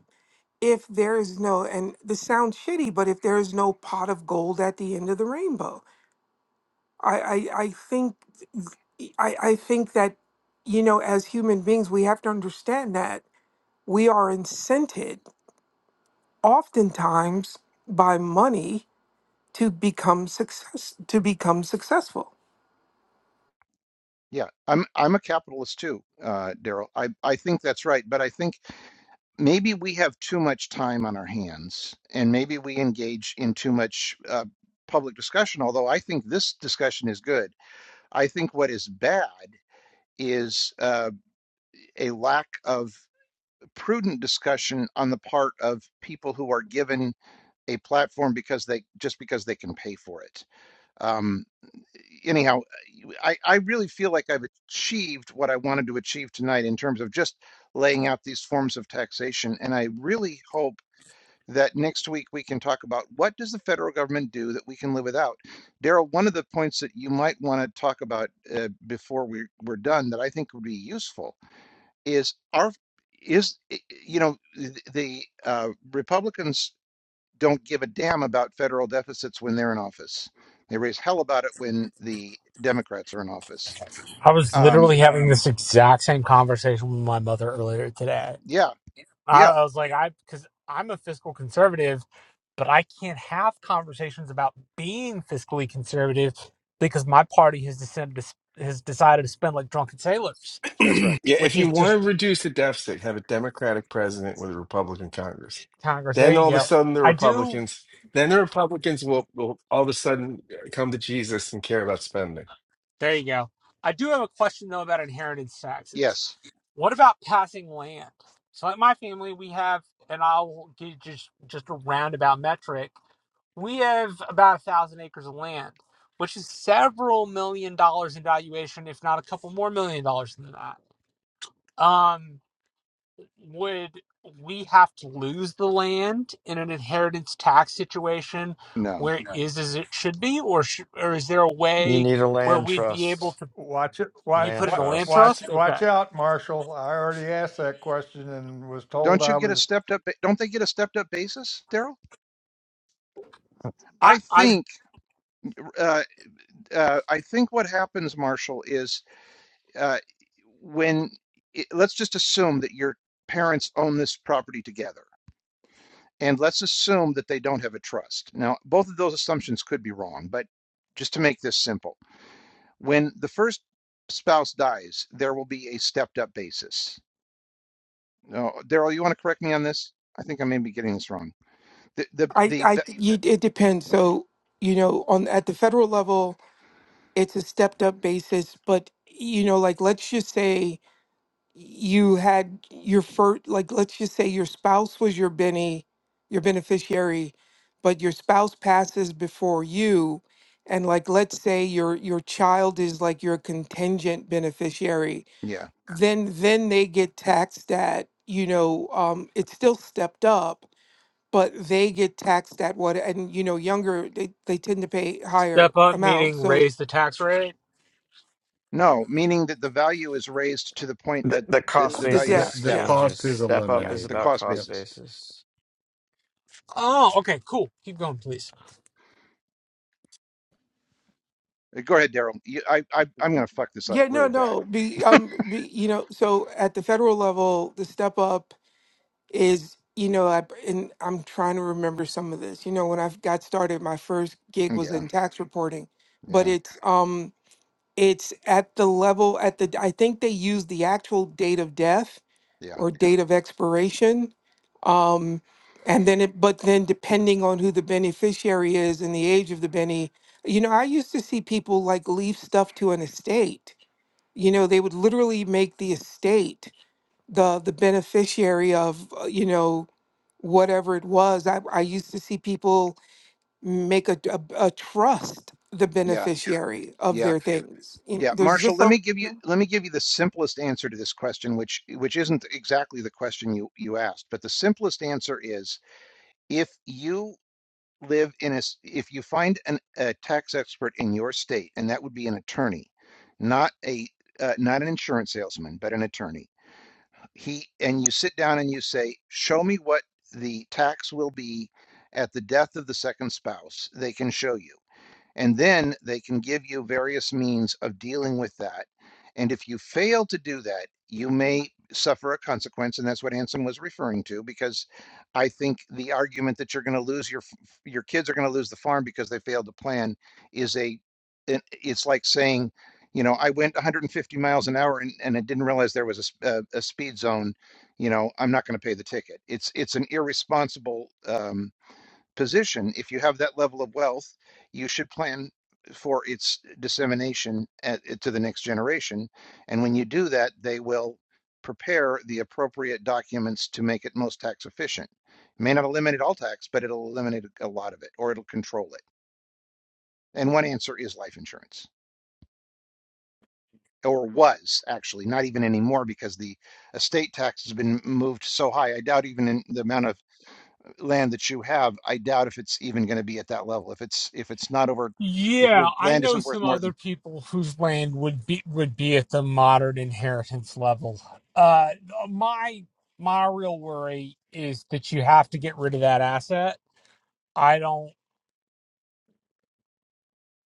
S12: if there is no and this sounds shitty, but if there is no pot of gold at the end of the rainbow. I, I, I think I, I think that, you know, as human beings, we have to understand that we are incented oftentimes by money to become success to become successful
S1: Yeah. I'm I'm a capitalist too, uh, Daryl. I I think that's right, but I think maybe we have too much time on our hands and maybe we engage in too much uh, public discussion although i think this discussion is good i think what is bad is uh, a lack of prudent discussion on the part of people who are given a platform because they just because they can pay for it um, anyhow I, I really feel like i've achieved what i wanted to achieve tonight in terms of just laying out these forms of taxation and i really hope that next week we can talk about what does the federal government do that we can live without. Daryl, one of the points that you might want to talk about uh, before we, we're done that I think would be useful is our is eh, you know the uh, Republicans don't give a damn about federal deficits when they're in office. They raise hell about it when the Democrats are in office.
S4: I was
S1: Um,
S4: literally having this exact same conversation with my mother earlier today.
S1: yeah,
S4: I,
S1: yeah,
S4: I was like, I, because I'm a fiscal conservative, but I can't have conversations about being fiscally conservative because my party has decided to, s- has decided to spend like drunken sailors,
S1: that's right.
S7: yeah, if
S4: which is
S7: you
S4: just
S7: want to reduce the deficit, have a Democratic president with a Republican Congress.
S4: Congress. There
S7: Then
S4: you
S7: all of a
S4: go.
S7: sudden, the
S4: I do.
S7: Republicans, then the Republicans will, will all of a sudden come to Jesus and care about spending.
S4: There you go. I do have a question though about inheritance taxes.
S1: Yes,
S4: What about passing land? So in my family, we have, and I'll give just just a roundabout metric. We have about a thousand acres of land, which is several million dollars in valuation, if not a couple more million dollars than that. Um, would we have to lose the land in an inheritance tax situation
S1: no.
S4: where it No. is as it should be, or sh- or is there a
S10: You
S4: way
S10: need a
S4: where
S10: land
S4: we'd be able
S10: trust.
S4: to
S9: Watch it. Watch.
S4: you
S10: Land
S4: put it in
S9: Watch.
S4: a land
S10: trust.
S4: trust?
S9: Watch.
S4: Okay.
S9: Watch out, Marshall. I already asked that question and was told
S1: Don't you
S9: I
S1: get a
S9: was
S1: stepped up? Don't they get a stepped up basis, Daryl?
S4: I,
S1: I
S4: I'm
S1: think uh, uh, I think what happens, Marshall, is uh, when it, let's just assume that your parents own this property together, and let's assume that they don't have a trust. Now, both of those assumptions could be wrong, but just to make this simple, when the first spouse dies, there will be a stepped-up basis. No, Daryl, you want to correct me on this? I think I may be getting this wrong. The the
S12: i
S1: the,
S12: i
S1: the
S12: you, it depends so you know on at the federal level it's a stepped up basis but you know like let's just say you had your first like let's just say your spouse was your benny your beneficiary but your spouse passes before you and like let's say your your child is like your contingent beneficiary
S1: yeah.
S12: then then they get taxed at you know um it's still stepped up but they get taxed at what and you know younger they, they tend to pay higher
S4: step up,
S12: amounts
S4: meaning
S12: so
S4: raise the tax rate.
S1: No, meaning that the value is raised to the point
S10: The,
S1: at
S10: the
S1: the,
S10: cost
S1: the
S12: of the
S1: value
S13: The
S1: at
S12: debt
S1: its
S10: basis
S13: the
S12: yeah
S1: death,
S10: changes.
S13: cost is
S10: Step up
S12: yeah
S10: is
S1: the
S13: eliminated.
S10: about
S1: cost
S10: cost
S13: Yep.
S1: basis.
S10: basis.
S4: Oh, okay, cool. Keep going, please.
S1: Uh, Go ahead, Daryl. You- I, I, I'm going to fuck this up
S12: yeah no
S1: really bad.
S12: no be um be, you know so at the federal level the step up is you know I, and i'm trying to remember some of this you know when i got started my first gig was
S1: Yeah,
S12: in tax reporting but
S1: yeah,
S12: it's um It's at the level at the I think they use the actual date of death
S1: yeah,
S12: or date of expiration. Um, and then it but then depending on who the beneficiary is and the age of the Benny, you know, I used to see people like leave stuff to an estate. You know, they would literally make the estate the the beneficiary of, uh, you know, whatever it was. I, I used to see people make a, a, a trust the
S1: yeah,
S12: beneficiary of
S1: yeah,
S12: their things. You know,
S1: yeah.
S12: there's
S1: Marshall,
S12: just
S1: let
S12: a
S1: me give you let me give you the simplest answer to this question, which which isn't exactly the question you you asked, but the simplest answer is if you live in a s- if you find an, a tax expert in your state, and that would be an attorney, not a uh, not an insurance salesman, but an attorney he and you sit down and you say show me what the tax will be at the death of the second spouse they can show you and then they can give you various means of dealing with that. And if you fail to do that, you may suffer a consequence. And that's what Anson was referring to, because I think the argument that you're going to lose your your kids are going to lose the farm because they failed to plan is a it- it's like saying, you know, I went 150 miles an hour and, and I didn't realize there was a, sp- a, a speed zone. You know, I'm not going to pay the ticket. It's it's an irresponsible um, position, if you have that level of wealth, you should plan for its dissemination at, to the next generation. And when you do that, they will prepare the appropriate documents to make it most tax efficient. It May not eliminate all tax, but it'll eliminate a lot of it, or it'll control it. And one answer is life insurance, or was actually not even anymore because the estate tax has been moved so high. I doubt even in the amount of land that you have, I doubt if it's even going to be at that level. If it's if it's not over, if
S4: Yeah,
S1: your
S4: I
S1: land
S4: know
S1: isn't worth
S4: some
S1: more
S4: other
S1: than
S4: people whose land would be would be at the modern inheritance level. Uh, my my real worry is that you have to get rid of that asset. I don't.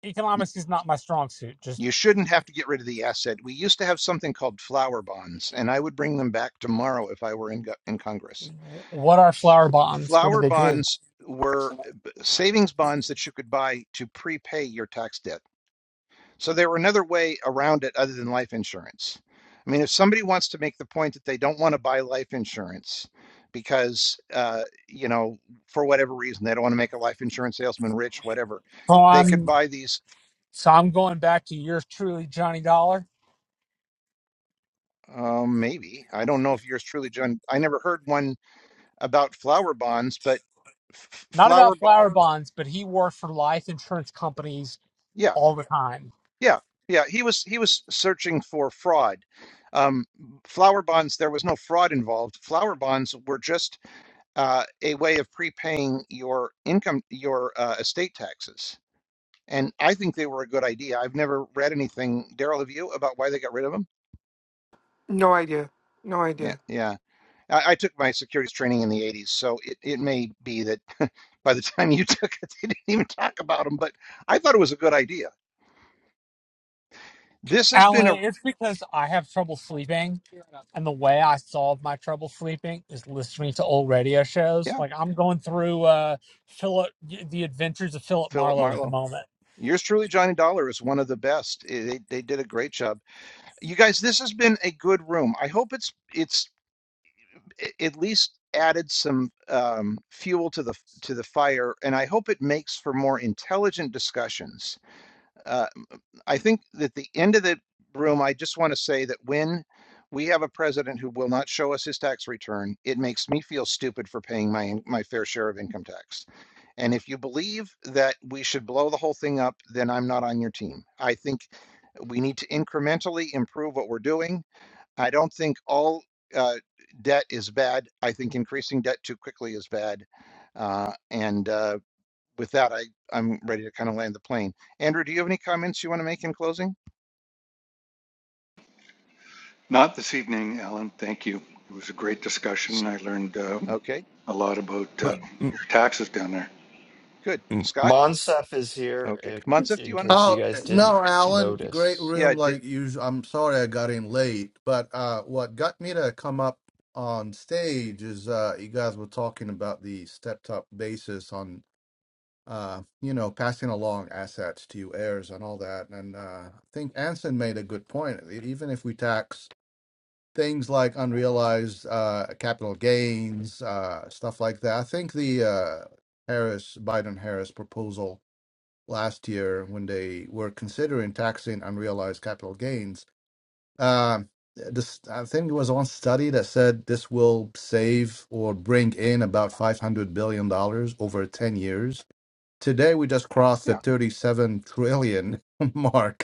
S4: Economics is not my strong suit. Just
S1: you shouldn't have to get rid of the asset. We used to have something called flower bonds, and I would bring them back tomorrow if I were in in Congress.
S4: w- what are flower bonds? What do
S1: Flower
S4: they do?
S1: bonds were
S4: So
S1: savings bonds that you could buy to prepay your tax debt. So there were another way around it other than life insurance. I mean, if somebody wants to make the point that they don't want to buy life insurance because, uh, you know, for whatever reason, they don't want to make a life insurance salesman rich, whatever, they could
S4: I'm
S1: buy these.
S4: so I'm going back to yours truly, Johnny Dollar.
S1: Um, maybe I don't know if yours truly, John. I never heard one about flower bonds, but f-
S4: Not
S1: flower.
S4: about
S1: Bo-
S4: flower bonds, but he worked for life insurance companies
S1: yeah,
S4: all the time
S1: yeah, yeah. He was he was searching for fraud. Um, flower bonds. There was no fraud involved. Flower bonds were just uh, a way of prepaying your income, your uh, estate taxes. And I think they were a good idea. I've never read anything, Daryl, have you, about why they got rid of them?
S12: No idea. No
S1: Yeah,
S12: idea.
S1: yeah. I, I took my securities training in the 80s, so it, it may be that by the time you took it, they didn't even talk about them, but I thought it was a good idea. This has
S4: Alan,
S1: been a,
S4: it's because I have trouble sleeping, and the way I solve my trouble sleeping is listening to old radio shows.
S1: yeah,
S4: Like I'm going through uh Philip, the Adventures of Philip
S1: Philip
S4: Marlowe at the
S1: Marlowe.
S4: moment.
S1: Yours truly, Johnny Dollar, is one of the best. Eh, They, they did a great job. You guys, this has been a good room. I hope it's it's at least added some um, fuel to the to the fire, and I hope it makes for more intelligent discussions. Uh, I think that the end of the room, I just want to say that when we have a president who will not show us his tax return, it makes me feel stupid for paying my my fair share of income tax. And if you believe that we should blow the whole thing up, then I'm not on your team. I think we need to incrementally improve what we're doing I don't think all uh, debt is bad. I think increasing debt too quickly is bad. Uh, and uh, with that, I, I'm ready to kind of land the plane. Andrew, do you have any comments you want to make in closing?
S2: Not this evening, Alan. Thank you. It was a great
S1: S-
S2: discussion. I learned uh,
S1: Okay,
S2: a lot about uh,
S10: But M-
S2: your taxes down there.
S1: good.
S10: M-
S1: Scott?
S10: Monsef is here
S1: Okay.
S10: in,
S1: Monsif, do
S10: in
S1: you want
S10: case you
S13: Oh
S10: guys didn't
S13: no, Alan!
S1: to?
S13: Great
S10: notice.
S1: Yeah,
S13: room,
S1: did,
S13: like usual. I'm sorry I got in late, but uh, what got me to come up on stage is uh, you guys were talking about the stepped up basis on uh, you know passing along assets to heirs and all that, and uh, I think Anson made a good point. Even if we tax things like unrealized uh, capital gains, uh, stuff like that. I think the uh, Harris Biden Harris proposal last year, when they were considering taxing unrealized capital gains, um, this I think there was one study that said this will save or bring in about five hundred billion dollars over ten years. Today we just crossed the
S1: yeah,
S13: thirty-seven trillion mark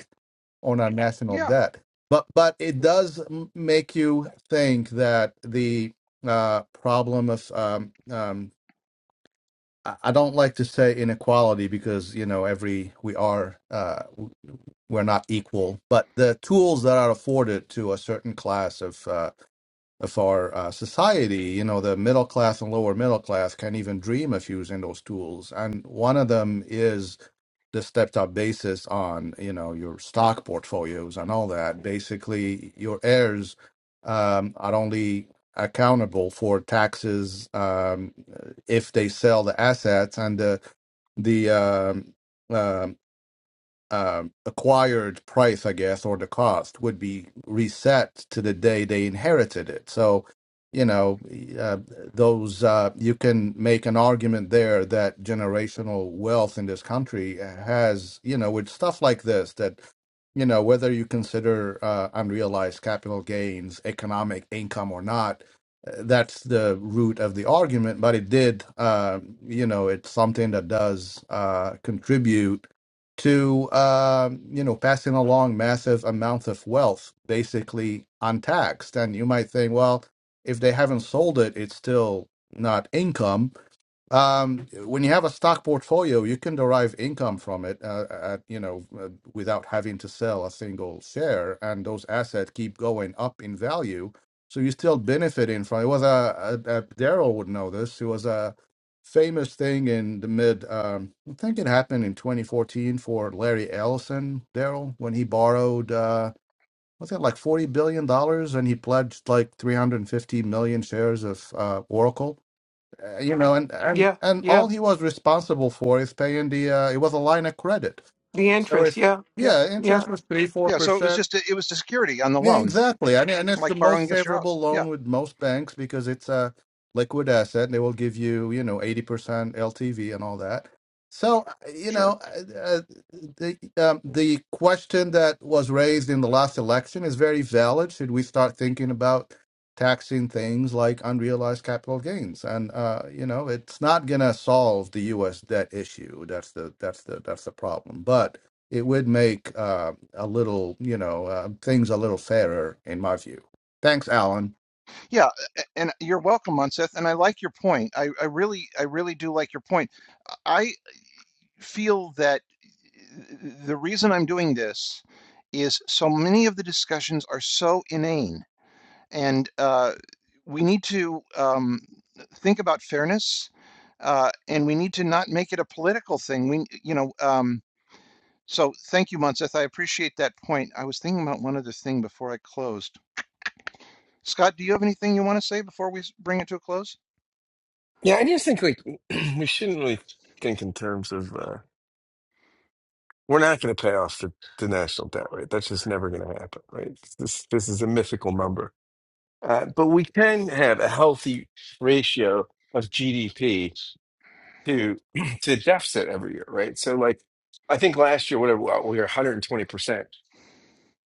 S13: on our national
S1: yeah,
S13: debt. But but it does m- make you think that the uh, problem of um, um, I I don't like to say inequality because you know every we are uh, w- we're not equal, but the tools that are afforded to a certain class of uh, of our uh, society, you know, the middle class and lower middle class, can't even dream of using those tools, and one of them is the stepped up basis on you know your stock portfolios and all that basically your heirs um, are only accountable for taxes um, if they sell the assets and the the um, um, um, acquired price, I guess, or the cost would be reset to the day they inherited it. So, you know, uh, those uh, you can make an argument there that generational wealth in this country has, you know, with stuff like this that. You know, whether you consider uh, unrealized capital gains economic income or not, uh, that's the root of the argument. But it did, uh, you know, it's something that does uh, contribute to um, you know passing along massive amounts of wealth basically untaxed and you might think well if they haven't sold it it's still not income um, when you have a stock portfolio, you can derive income from it, uh, at, you know, uh, without having to sell a single share, and those assets keep going up in value. So you're still benefiting from it. Was a, a, a Daryl would know this. It was a famous thing in the mid. Um, I think it happened in 2014 for Larry Ellison, Daryl, when he borrowed. Uh, was it like forty billion dollars, and he pledged like three hundred and fifty million shares of uh, Oracle? Uh, you know, and and
S12: Yeah,
S13: and
S12: yeah.
S13: all he was responsible for is paying the. Uh, it was a line of credit,
S12: The
S13: so
S12: interest.
S13: it's
S12: Yeah,
S1: yeah,
S13: yeah,
S12: yeah.
S13: interest was three four
S1: yeah. So it was
S13: percent.
S1: just, a- it was the security on the
S13: Yeah,
S1: loan,
S13: exactly. And and it's the
S1: like borrowing
S13: most
S1: against your house.
S13: favorable
S1: Yeah,
S13: loan with most banks because it's a liquid asset they will give you, you know, 80% LTV and all that. So, uh, you
S1: sure.
S13: know, uh, the um, the question that was raised in the last election is very valid. Should we start thinking about taxing things like unrealized capital gains? And uh, you know, it's not going to solve the US debt issue. That's the that's the that's the problem. But it would make um a little, you know, uh, things a little fairer in my view. Thanks, Alan.
S1: Yeah, a- and you're welcome, Monsif. And I like your point. I, I really, I really do like your point. I feel that the reason I'm doing this is so many of the discussions are so inane, and uh, we need to um, think about fairness, uh, and we need to not make it a political thing. We, you know, um, so thank you, Monseth. I appreciate that point. I was thinking about one other thing before I closed. Scott, do you have anything you want to say before we bring it to a close?
S7: Yeah, I just think like we shouldn't really think in terms of uh, we're not going to pay off the, the national debt, right? That's just never going to happen, right? This this is a mythical number, uh, but we can have a healthy ratio of GDP to to the deficit every year, right? So like I think last year, whatever well, we were 120 percent.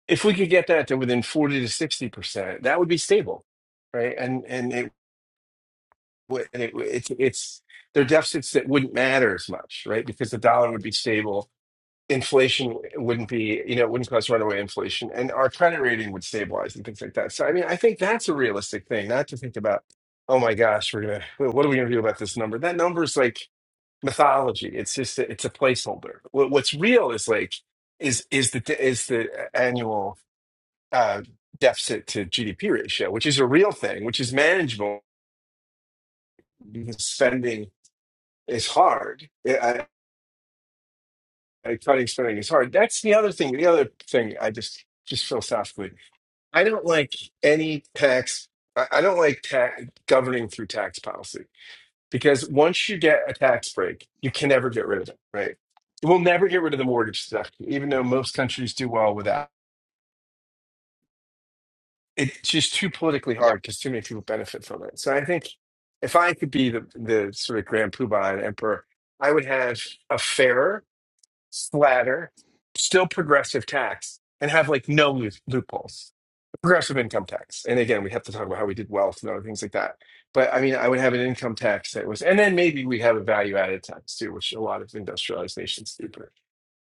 S7: If we could get that to within 40 to 60 percent, that would be stable, right? And and it would- and it it's it's they're deficits that wouldn't matter as much, right? Because the dollar would be stable, inflation wouldn't be you know it wouldn't cause runaway inflation, and our credit rating would stabilize and things like that. So I mean, I think that's a realistic thing, not to think about. Oh my gosh, we're gonna. What are we gonna do about this number? That number is like mythology. It's just a, it's a placeholder. What, what's real is like is is the is the uh, annual uh, deficit to GDP ratio, which is a real thing, which is manageable because spending is hard. Yeah, I, I, cutting spending is hard. That's the other thing. The other thing I just just philosophically, I don't like any tax. I I don't like ta- governing through tax policy. because once you get a tax break, you can never get rid of it, right? We'll never get rid of the mortgage deduction, even though most countries do well without. It's just too politically
S1: Yep.
S7: hard because too many people benefit from it. So I think if I could be the, the sort of grand poobah and emperor, I would have a fairer splatter, still progressive tax, and have like no lo- loopholes. Progressive income tax. And again, we have to talk about how we did wealth and other things like that. But I mean, I would have an income tax that was, and then maybe we have a value added tax too, which a lot of industrialized nations do. But,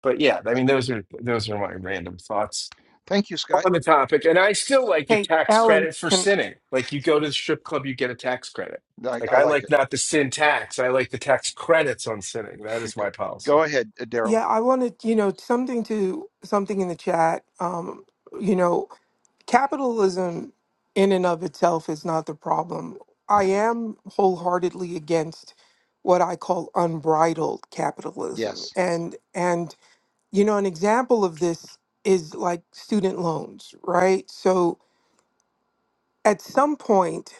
S7: but yeah, I mean, those are those are my random thoughts
S1: Thank you, Scott.
S7: on the topic. And I still like the
S12: Hey,
S7: tax
S12: Alan,
S7: credit for
S12: can
S7: sinning. Like you go to the strip club, you get a tax credit.
S1: I,
S7: Like
S1: I
S7: I
S1: like
S7: like
S1: it.
S7: not the sin tax. I like the tax credits on sinning. That is
S1: Go
S7: my policy.
S1: ahead, uh, Daryl.
S12: yeah, I wanted, you know, something to something in the chat. Um, you know, capitalism in and of itself is not the problem. I am wholeheartedly against what I call unbridled capitalism.
S1: Yes.
S12: And and you know, an example of this is like student loans, right? So at some point,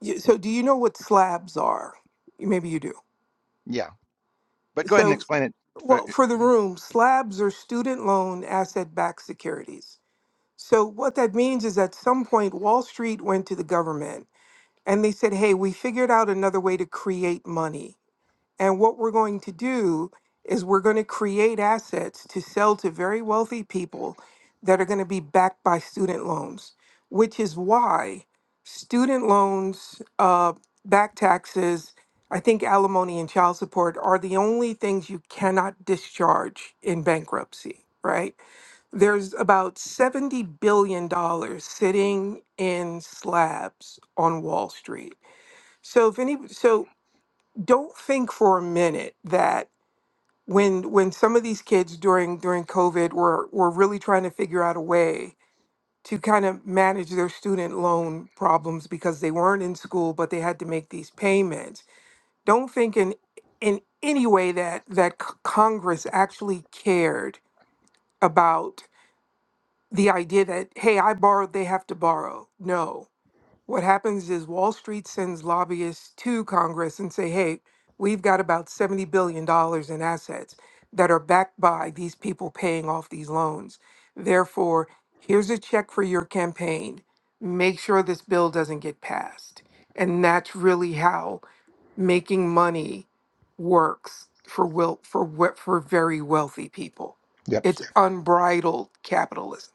S12: you, so do you know what slabs are? Maybe you do.
S1: Yeah. But go ahead and
S12: So,
S1: explain it.
S12: well, for the room, slabs are student loan asset backed securities. So, what that means is at some point, Wall Street went to the government and they said, hey, we figured out another way to create money. And what we're going to do is we're going to create assets to sell to very wealthy people that are going to be backed by student loans, which is why student loans, uh, back taxes, I think alimony and child support are the only things you cannot discharge in bankruptcy, right? There's about $70 billion dollars sitting in slabs on Wall Street. So if any, so don't think for a minute that when when some of these kids during during COVID were were really trying to figure out a way to kind of manage their student loan problems because they weren't in school but they had to make these payments. Don't think in in any way that that c- Congress actually cared about the idea that hey, I borrowed, they have to borrow. No what happens is Wall Street sends lobbyists to Congress and say, hey, we've got about $70 billion dollars in assets that are backed by these people paying off these loans. Therefore, here's a check for your campaign. Make sure this bill doesn't get passed. And that's really how making money works for will for we- for very wealthy people.
S1: Yep.
S12: It's Yeah. unbridled capitalism.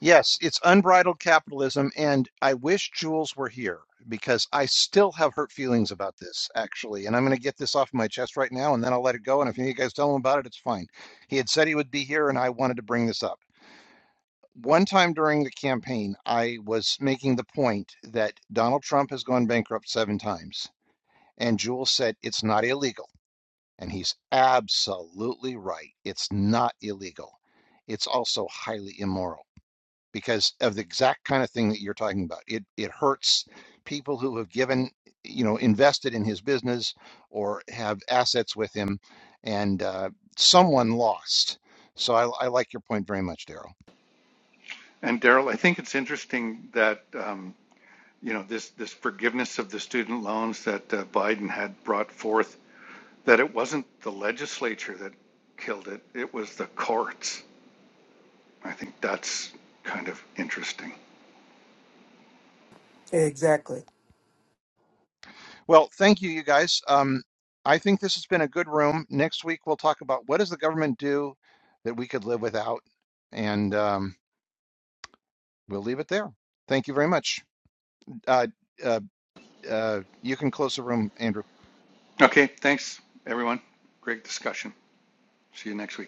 S1: Yes, it's unbridled capitalism, and I wish Jules were here because I still have hurt feelings about this, actually. And I'm going to get this off my chest right now, and then I'll let it go. And if you guys tell him about it, it's fine. He had said he would be here, and I wanted to bring this up. One time during the campaign, I was making the point that Donald Trump has gone bankrupt seven times. And Jules said, it's not illegal. And he's absolutely right. It's not illegal. It's also highly immoral because of the exact kind of thing that you're talking about. It it hurts people who have given, you know, invested in his business or have assets with him, and uh, someone lost. So I, I like your point very much, Daryl.
S2: And Daryl, I think it's interesting that um, you know this this forgiveness of the student loans that uh, Biden had brought forth that it wasn't the legislature that killed it, it was the courts. I think that's kind of interesting.
S12: Exactly.
S1: Well, thank you, you guys. Um, I think this has been a good room. Next week we'll talk about what does the government do that we could live without, and um, We'll leave it there. Thank you very much. Uh, uh, uh, you can close the room, Andrew.
S2: Okay, thanks, everyone. Great discussion. See you next week.